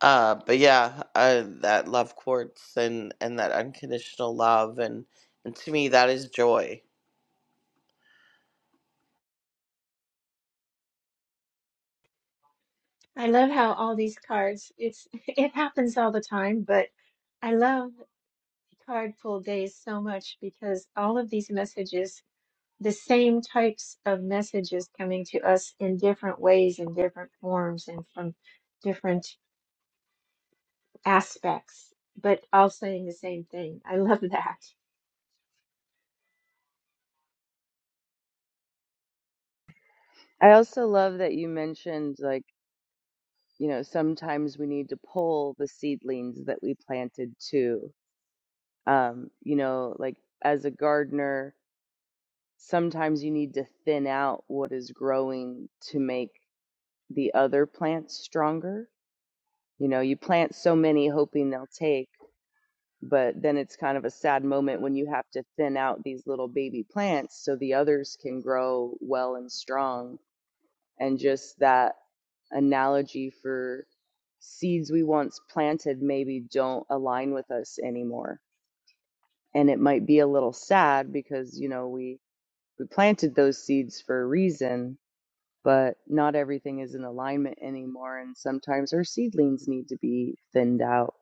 A: Uh, but yeah, uh, that love quartz and and that unconditional love and and to me that is joy.
D: I love how all these cards, it's it happens all the time, but I love Cardful Days so much because all of these messages, the same types of messages coming to us in different ways, in different forms, and from different aspects, but all saying the same thing. I love that.
C: I also love that you mentioned, like, you know, sometimes we need to pull the seedlings that we planted too. Um, you know, like as a gardener, sometimes you need to thin out what is growing to make the other plants stronger. You know, you plant so many hoping they'll take, but then it's kind of a sad moment when you have to thin out these little baby plants so the others can grow well and strong. And just that analogy for seeds we once planted maybe don't align with us anymore. And it might be a little sad because, you know, we we planted those seeds for a reason, but not everything is in alignment anymore. And sometimes our seedlings need to be thinned out.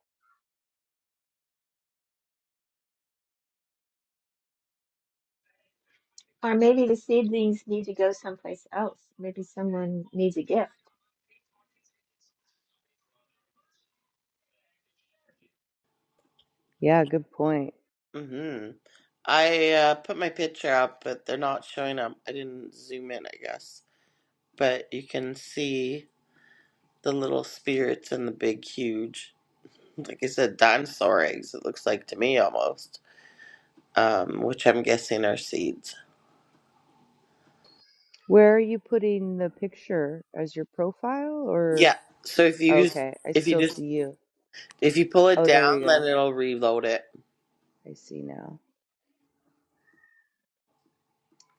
D: Or maybe the seedlings need to go someplace else. Maybe someone needs a gift.
C: Yeah, good point.
A: hmm I uh, put my picture up, but they're not showing up. I didn't zoom in, I guess. But you can see the little spirits and the big, huge. like I said, dinosaur eggs, it looks like to me almost, um, which I'm guessing are seeds.
C: Where are you putting the picture as your profile or?
A: Yeah. So if you just,
C: Okay, I
A: if you
C: still
A: just,
C: see you.
A: if you pull it
C: Oh, there we
A: down, then
C: go.
A: it'll reload it.
C: I see now.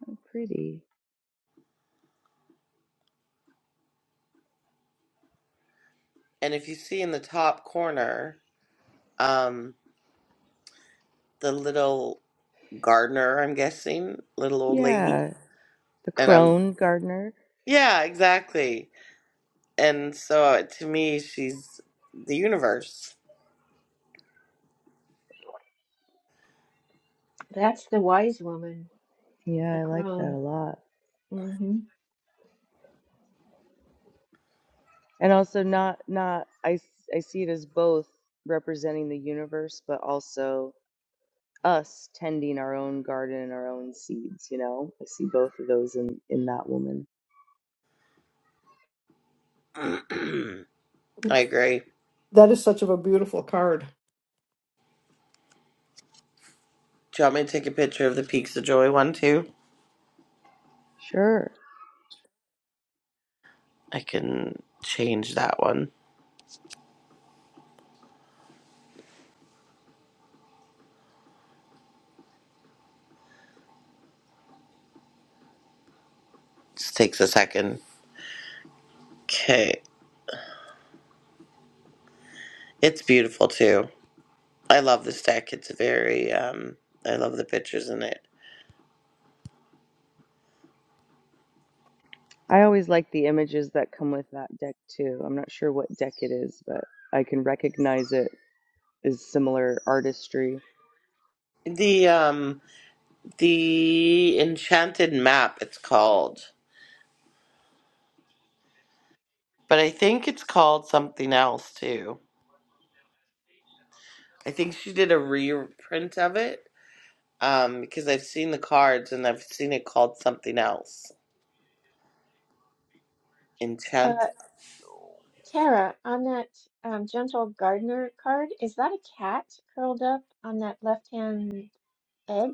C: Oh, pretty.
A: And if you see in the top corner, um, the little gardener, I'm guessing, little old lady.
C: Yeah, the
A: And I'm,
C: crone gardener.
A: yeah, exactly. And so uh, to me, she's the universe.
D: That's the wise woman,
C: Yeah,
D: the
C: I like that a
D: crone.
C: lot.
D: hmm
C: And also not not I I see it as both representing the universe, but also us tending our own garden and our own seeds you know i see both of those in in that woman
A: I agree.
B: That is such of a beautiful card.
A: Do you want me to take a picture of the Peaks of Joy one too?
C: sure
A: I can change that one. Just takes a second. Okay. It's beautiful too. I love this deck. It's very um I love the pictures in it.
C: i always like the images that come with that deck too i'm not sure what deck it is but i can recognize it as similar artistry
A: The um the enchanted map it's called. But I think it's called something else too. I think she did a reprint of it. Um, because I've seen the cards and I've seen it called something else.
D: Uh,
A: Enchant
D: Tara, on that um, gentle gardener card, is that a cat curled up on that left hand edge?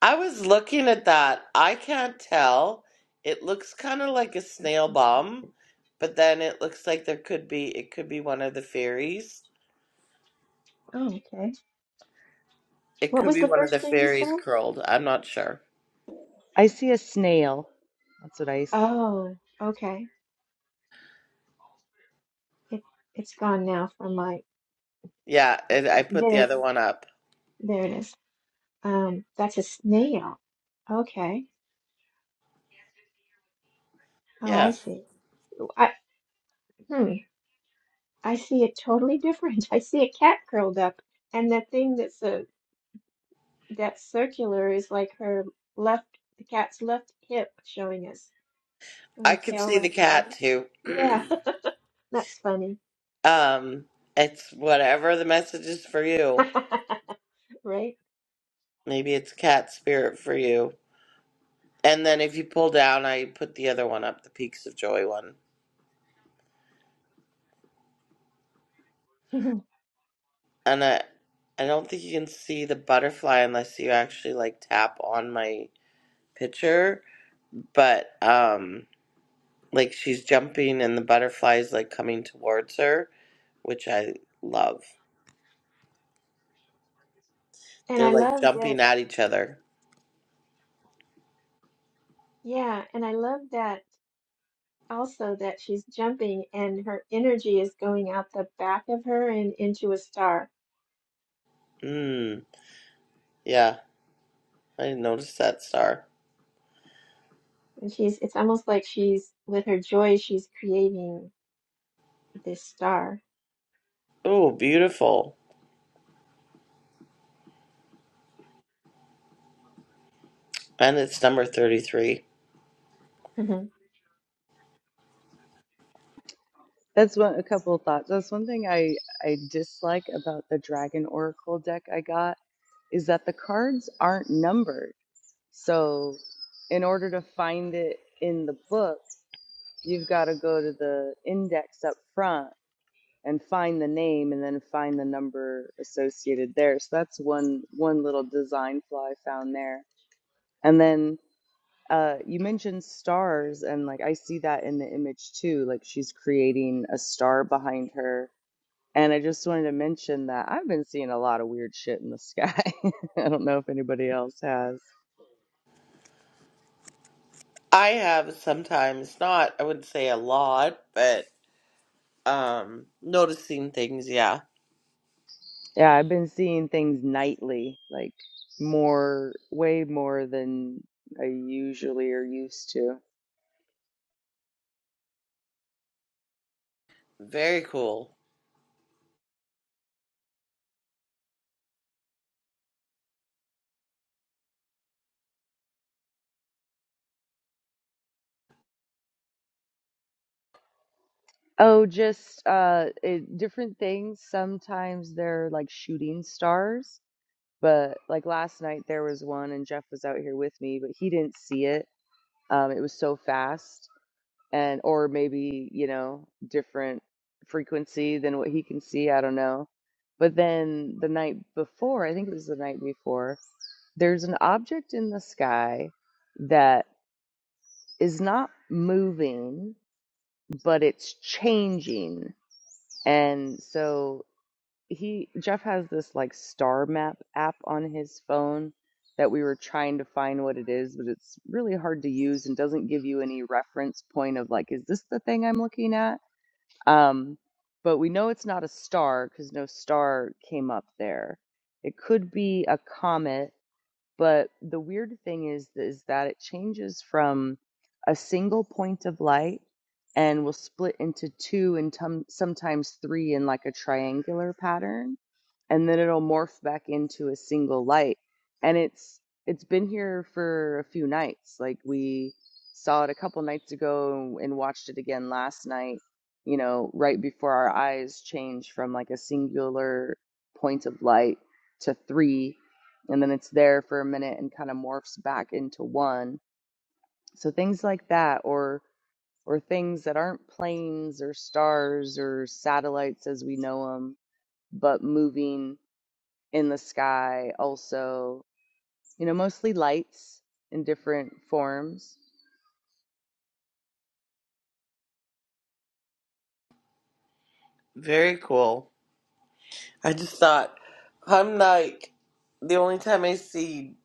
A: I was looking at that. I can't tell. It looks kind of like a snail bomb, but then it looks like there could be it could be one of the fairies.
D: Oh, okay.
A: It
D: What
A: could
D: was
A: be
D: the
A: one of the
D: first thing you said?
A: fairies curled. I'm not sure.
C: i see a snail that's what i
D: Oh, okay. It it's gone now from my
A: Yeah, and I put the
D: there
A: other one up.
D: there it is. Um, that's a snail. Okay. Oh, I
A: Yeah.
D: see. Oh, I hmm. I see it totally different. I see a cat curled up, and the thing that's a that's circular is like her left, the cat's left hip showing us with
A: I
D: her
A: could
D: tail
A: see the
D: wrapped
A: cat
D: around.
A: too.
D: Yeah, that's funny,
A: um it's whatever the message is for you.
D: right?
A: Maybe it's cat spirit for you. And then if you pull down, I put the other one up, the Peaks of Joy one. and I I don't think you can see the butterfly unless you actually like tap on my picture, but um like she's jumping and the butterfly is like coming towards her, which I love.
D: And
A: They're
D: I
A: like
D: love that.
A: jumping at each other.
D: Yeah, and I love that also that she's jumping and her energy is going out the back of her and into a star.
A: Mm. Yeah, I noticed that star.
D: And she's it's almost like she's with her joy she's creating this star.
A: Oh, beautiful. And it's number 33.
D: Mhm.
C: that's one a couple of thoughts that's one thing i i dislike about the dragon oracle deck i got is that the cards aren't numbered so in order to find it in the book you've got to go to the index up front and find the name and then find the number associated there. So that's one one little design flaw I found there. And then uh, you mentioned stars, and like I see that in the image too. Like she's creating a star behind her. And I just wanted to mention that I've been seeing a lot of weird shit in the sky. I don't know if anybody else has.
A: I have sometimes not, I wouldn't say a lot, but um noticing things, yeah.
C: Yeah, I've been seeing things nightly, like more, way more than I usually are used to.
A: Very cool.
C: Oh, just uh it, different things. Sometimes they're like shooting stars, but like last night there was one and Jeff was out here with me, but he didn't see it. Um it was so fast and or maybe, you know, different frequency than what he can see, I don't know. But then the night before, I think it was the night before, there's an object in the sky that is not moving, but it's changing. And so he, Jeff has this like star map app on his phone that we were trying to find what it is, but it's really hard to use and doesn't give you any reference point of like, is this the thing I'm looking at? Um, but we know it's not a star because no star came up there. It could be a comet But the weird thing is is that it changes from a single point of light and will split into two and tum- sometimes three in like a triangular pattern and then it'll morph back into a single light and it's it's been here for a few nights like we saw it a couple nights ago and watched it again last night you know right before our eyes change from like a singular point of light to three and then it's there for a minute and kind of morphs back into one so things like that or or things that aren't planes or stars or satellites as we know them but moving in the sky also you know mostly lights in different forms
A: Very cool. I just thought, I'm like, the only time I see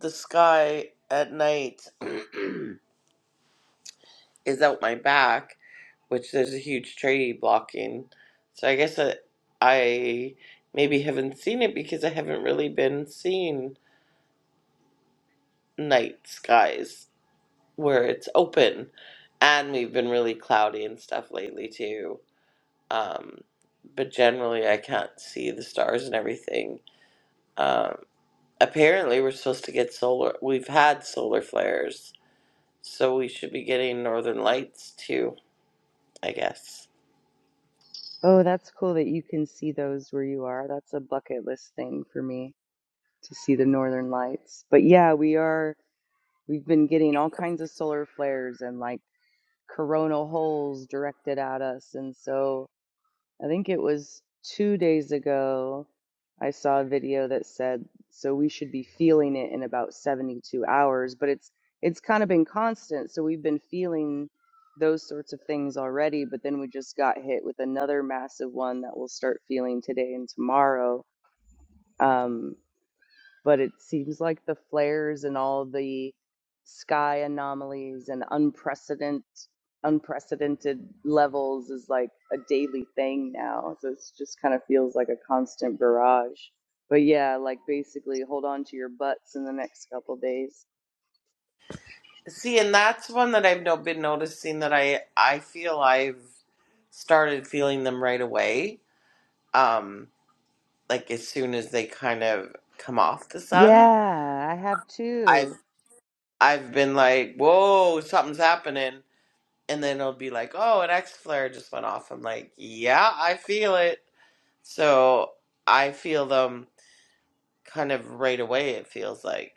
A: the sky at night is out my back, which there's a huge tree blocking. So I guess I, I maybe haven't seen it because I haven't really been seeing night skies where it's open. And we've been really cloudy and stuff lately too. Um, but generally, I can't see the stars and everything. Um, apparently we're supposed to get solar we've had solar flares so we should be getting northern lights too i guess
C: oh that's cool that you can see those where you are that's a bucket list thing for me to see the northern lights but yeah we are we've been getting all kinds of solar flares and like coronal holes directed at us and so I think it was two days ago, I saw a video that said, so we should be feeling it in about 72 hours, but it's it's kind of been constant. So we've been feeling those sorts of things already, but then we just got hit with another massive one that we'll start feeling today and tomorrow. Um, but it seems like the flares and all the sky anomalies and unprecedented unprecedented levels is like a daily thing now so it's just kind of feels like a constant barrage but yeah like basically hold on to your butts in the next couple days
A: see and that's one that i've no, been noticing that i i feel i've started feeling them right away um like as soon as they kind of come off the sun
C: yeah i have
A: i've
C: too
A: i've been like whoa something's happening and then it'll be like oh an x flare just went off i'm like yeah i feel it so i feel them kind of right away it feels like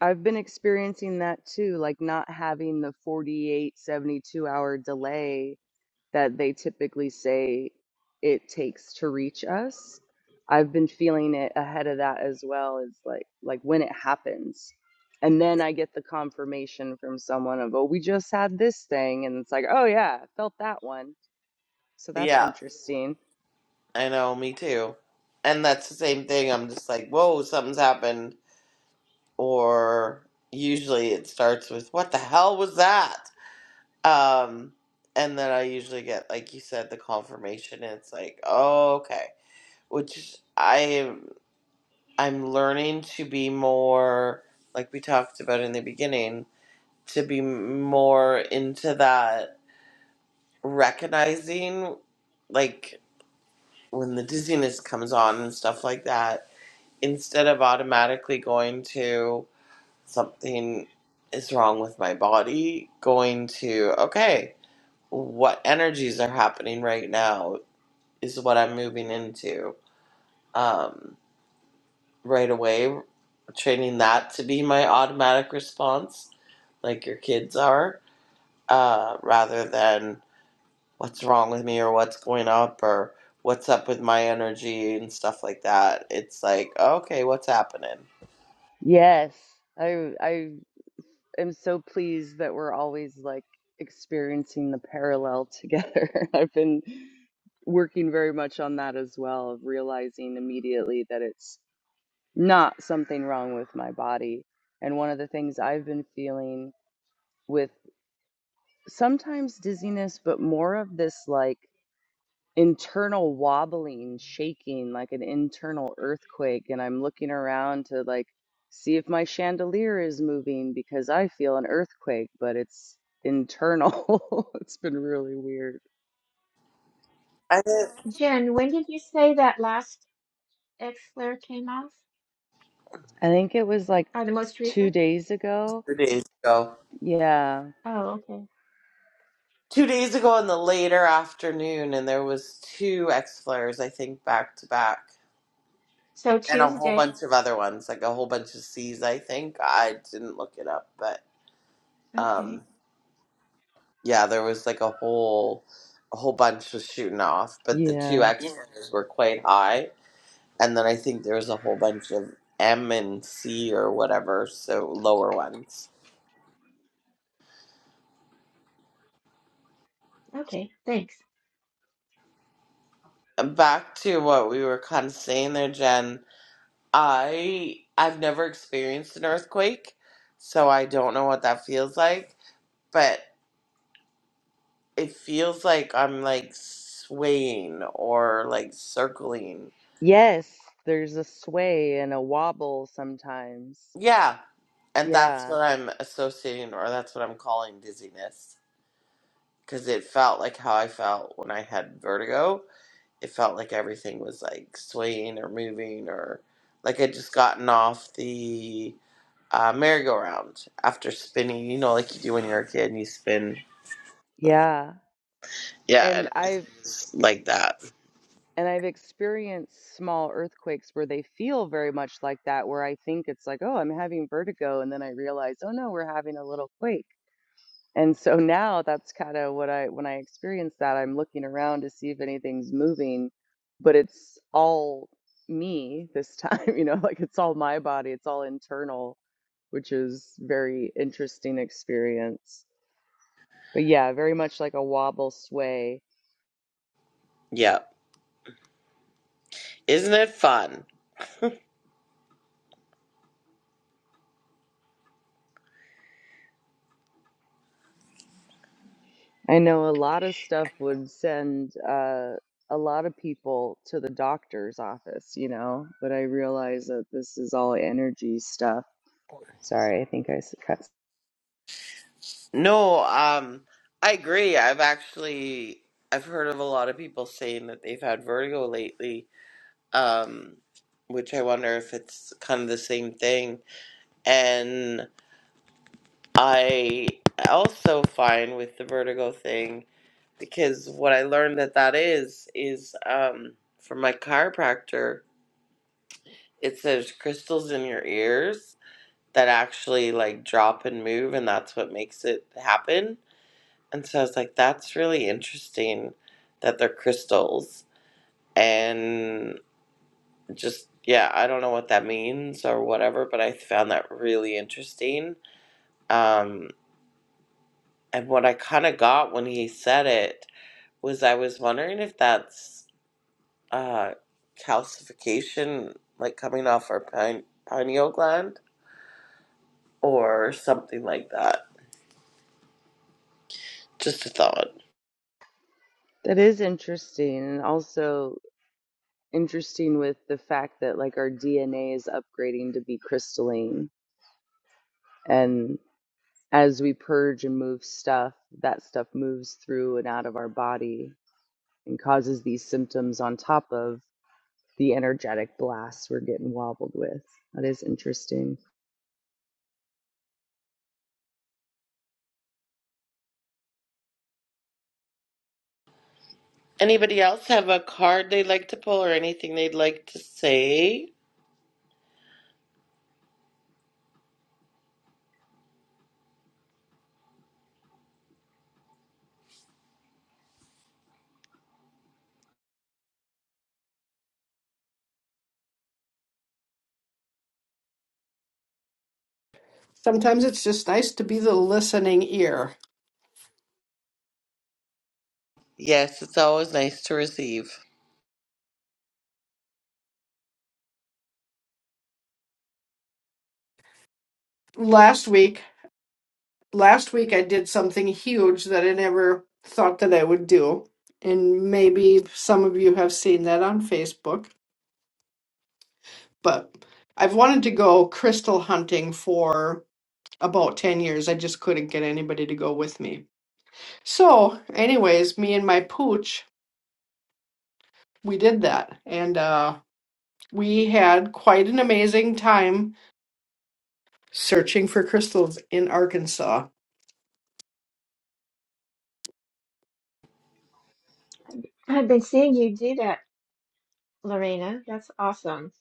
C: i've been experiencing that too like not having the 48 72 hour delay that they typically say it takes to reach us. I've been feeling it ahead of that as well as like like when it happens. And then I get the confirmation from someone of, "Oh, we just had this thing." And it's like, "Oh yeah, I felt that one." So that's
A: yeah
C: interesting.
A: i know me too and that's the same thing i'm just like whoa something's happened or usually it starts with what the hell was that um and then i usually get like you said the confirmation and it's like oh okay which i am i'm learning to be more like we talked about in the beginning to be more into that recognizing like when the dizziness comes on and stuff like that, instead of automatically going to something is wrong with my body, going to, okay, what energies are happening right now is what I'm moving into um, right away, training that to be my automatic response, like your kids are, uh, rather than. what's wrong with me or what's going up or what's up with my energy and stuff like that. It's like, okay, what's happening?
C: Yes. I I am so pleased that we're always like experiencing the parallel together. I've been working very much on that as well, of realizing immediately that it's not something wrong with my body. And one of the things I've been feeling with sometimes dizziness, but more of this like internal wobbling, shaking, like an internal earthquake. And I'm looking around to like see if my chandelier is moving because I feel an earthquake, but it's internal. it's been really weird.
A: I did it
D: Jen, when did you say that last flare came off?
C: I think it was like
D: Or the most
C: two
D: recent?
C: days ago.
A: two days ago.
C: Yeah.
D: Oh, okay.
A: Two days ago in the later afternoon, and there was two X flares, I think, back to back,
D: So
A: and a whole
D: Tuesday.
A: bunch of other ones, like a whole bunch of C's. I think I didn't look it up, but um,
D: Okay.
A: yeah, there was like a whole, a whole bunch was shooting off, but the two
C: Yeah.
A: X flares were quite high and then I think there's a whole bunch of M and C or whatever, so lower ones.
D: Okay. Thanks.
A: And Back to what we were kind of saying there, Jen. I I've never experienced an earthquake, so I don't know what that feels like. But it feels like I'm like swaying or like circling.
C: Yes, there's a sway and a wobble sometimes.
A: Yeah, and that's
C: Yeah.
A: what I'm associating, or that's what I'm calling dizziness, because it felt like how I felt when I had vertigo it felt like everything was like swaying or moving or like I'd just gotten off the uh, merry-go-round after spinning, you know, like you do when you're a kid and you spin.
C: Yeah.
A: Yeah, and
C: And
A: everything
C: I've
A: like that.
C: and I've experienced small earthquakes where they feel very much like that, where I think it's like, oh, I'm having vertigo, and then I realize, oh no, we're having a little quake. And so now that's kind of what I, when I experience that, I'm looking around to see if anything's moving, but it's all me this time, you know, like it's all my body, it's all internal, which is very interesting experience. But yeah, very much like a wobble sway.
A: Yeah. Isn't it fun?
C: I know a lot of stuff would send uh, a lot of people to the doctor's office, you know, but I realize that this is all energy stuff. Sorry, I think I s- cut
A: No, um, I agree. I've actually I've heard of a lot of people saying that they've had vertigo lately, um, which I wonder if it's kind of the same thing. And I also find with the vertigo thing because what I learned that that is is um, from my chiropractor. It says crystals in your ears that actually like drop and move, and that's what makes it happen. And so I was like, that's really interesting that they're crystals. And just yeah, I don't know what that means or whatever, but I found that really interesting. Um, and what I kind of got when he said it was I was wondering if that's uh, calcification, like coming off our pine, pineal gland, or something like that. Just a thought.
C: That is interesting, and also interesting with the fact that like our DNA is upgrading to be crystalline, and as we purge and move stuff, that stuff moves through and out of our body and causes these symptoms on top of the energetic blasts we're getting wobbled with. That is interesting.
A: Anybody else have a card they'd like to pull or anything they'd like to say?
B: Sometimes it's just nice to be the listening ear.
A: Yes, it's always nice to receive.
B: Last week, last week I did something huge that I never thought that I would do, and maybe some of you have seen that on Facebook, but I've wanted to go crystal hunting for about 10 years. I just couldn't get anybody to go with me So, anyways, me and my pooch, we did that. And uh, we had quite an amazing time searching for crystals in Arkansas.
D: I've been seeing you do that Lorena, that's awesome.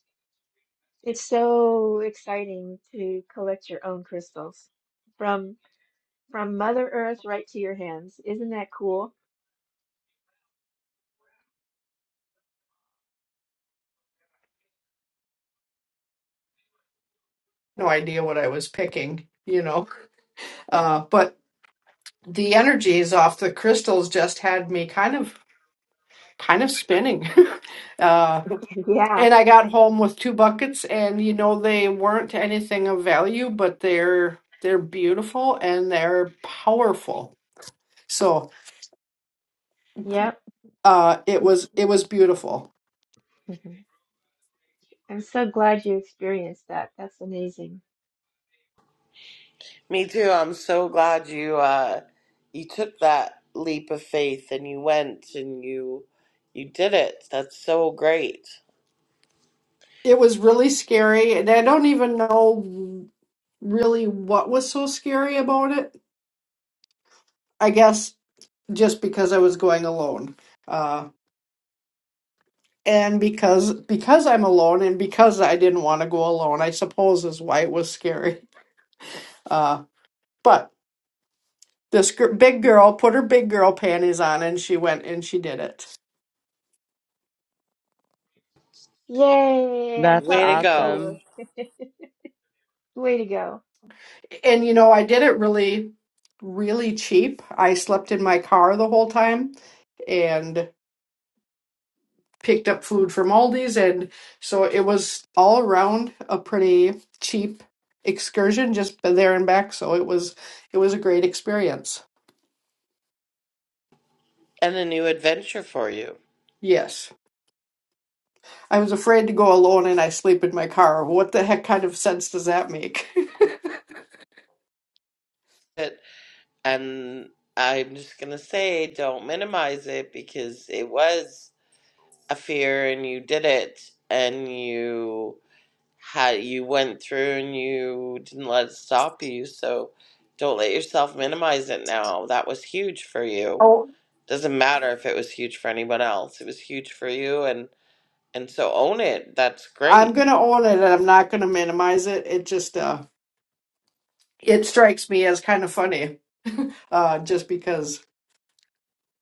D: It's so exciting to collect your own crystals from from Mother Earth right to your hands. Isn't that cool?
B: No idea what I was picking, you know. Uh, but the energies off the crystals just had me kind of kind of spinning. uh,
D: Yeah.
B: and I got home with two buckets and you know they weren't anything of value, but they're they're beautiful and they're powerful. So.
D: Yep.
B: uh it was it was beautiful
D: Mhm. I'm so glad you experienced that. That's amazing.
A: Me too. I'm so glad you uh, you took that leap of faith and you went and you you did it. That's so great.
B: it was really scary and i don't even know really what was so scary about it i guess just because i was going alone uh and because because i'm alone and because i didn't want to go alone i suppose is why it was scary uh but this gr- big girl put her big girl panties on and she went and she did it
D: Yay! I'm
C: That's
A: Way to
D: clapping for
A: go.
C: awesome.
D: you. Way to go.
B: and you know i did it really really cheap i slept in my car the whole time and. picked up food from Aldi's, and so it was all around a pretty cheap excursion, just there and back. So it was it was a great experience.
A: And a new adventure for you.
B: Yes, I was afraid to go alone, and I sleep in my car. What the heck kind of sense does that make?
A: It And I'm just going to say, don't minimize it because it was a fear and you did it and you had you went through and you didn't let it stop you. So don't let yourself minimize it now. That was huge for you.
B: oh,
A: Doesn't matter if it was huge for anyone else. It was huge for you and and so own it. That's
B: I'm
A: great.
B: gonna own it, and I'm not gonna minimize it. It just uh, it strikes me as kind of funny, uh, just because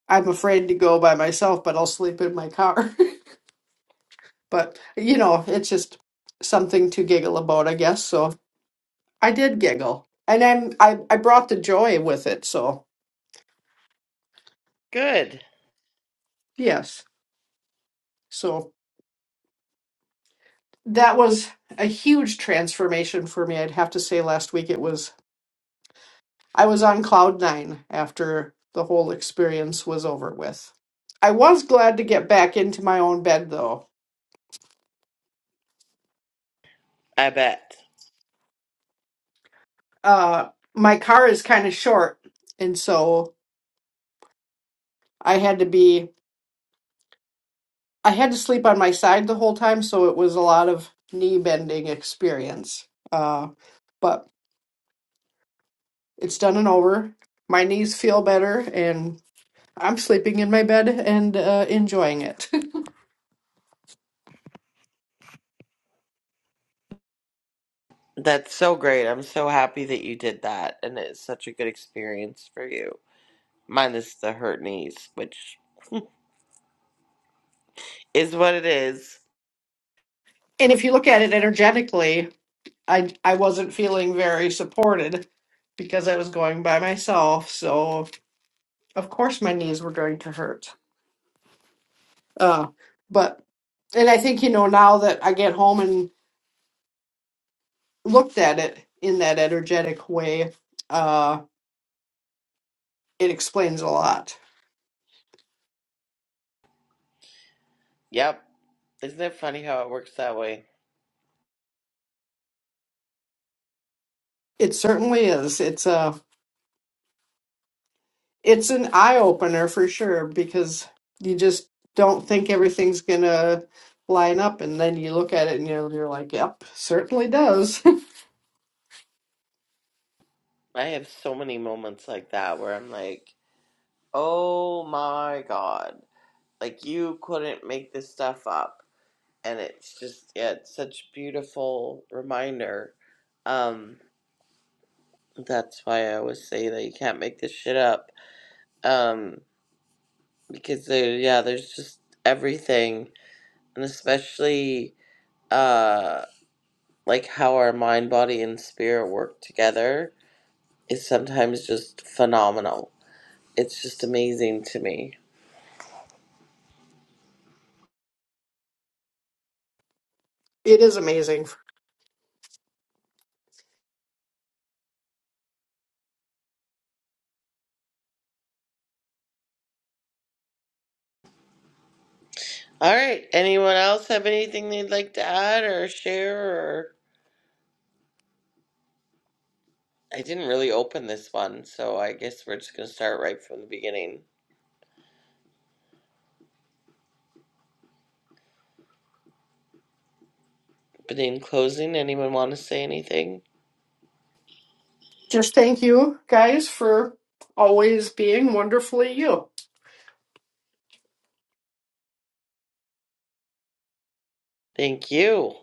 B: I'm afraid to go by myself, but I'll sleep in my car. but you know, it's just something to giggle about, I guess. So I did giggle, and then I I brought the joy with it. So
A: Good.
B: yes, so that was a huge transformation for me. I'd have to say last week it was I was on cloud nine after the whole experience was over with. I was glad to get back into my own bed though.
A: I bet.
B: Uh, my car is kind of short, and so I had to be I had to sleep on my side the whole time. So it was a lot of knee bending experience. Uh, but It's done and over. My knees feel better, and I'm sleeping in my bed and uh, enjoying it.
A: That's so great. I'm so happy that you did that and it's such a good experience for you. minus the hurt knees, which is what it is.
B: and if you look at it energetically, I I wasn't feeling very supported because I was going by myself, so of course my knees were going to hurt. Uh, but and I think you know now that I get home and looked at it in that energetic way, uh, it explains a lot.
A: Yep. Isn't it funny how it works that way?
B: It certainly is. It's a it's an eye opener for sure because you just don't think everything's gonna line up, and then you look at it and you're, you're like, "Yep, certainly does."
A: I have so many moments like that where I'm like, oh my god. Like, you couldn't make this stuff up. And it's just, yeah, it's such a beautiful reminder. Um, that's why I always say that you can't make this shit up. Um, because there, yeah, there's just everything. And especially, uh... like how our mind, body, and spirit work together is sometimes just phenomenal. It's just amazing to me.
B: it is amazing.
A: All right. Anyone else have anything they'd like to add or share? Or I didn't really open this one, so I guess we're just gonna start right from the beginning. But in closing, anyone want to say anything?
B: Just thank you guys for always being wonderfully you.
A: Thank you.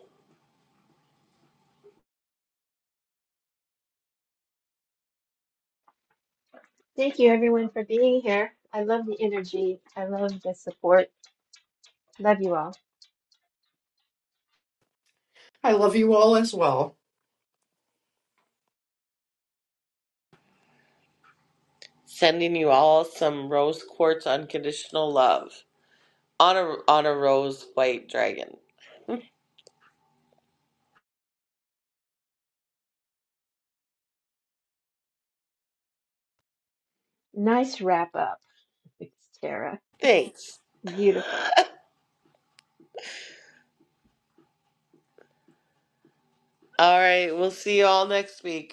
D: Thank you, everyone, for being here. I love the energy. I love the support. Love you all.
B: I love you all as well.
A: Sending you all some rose quartz unconditional love on a on a rose white dragon.
D: Nice wrap up, Tara.
A: Thanks.
D: Beautiful.
A: All right. We'll see you all next week.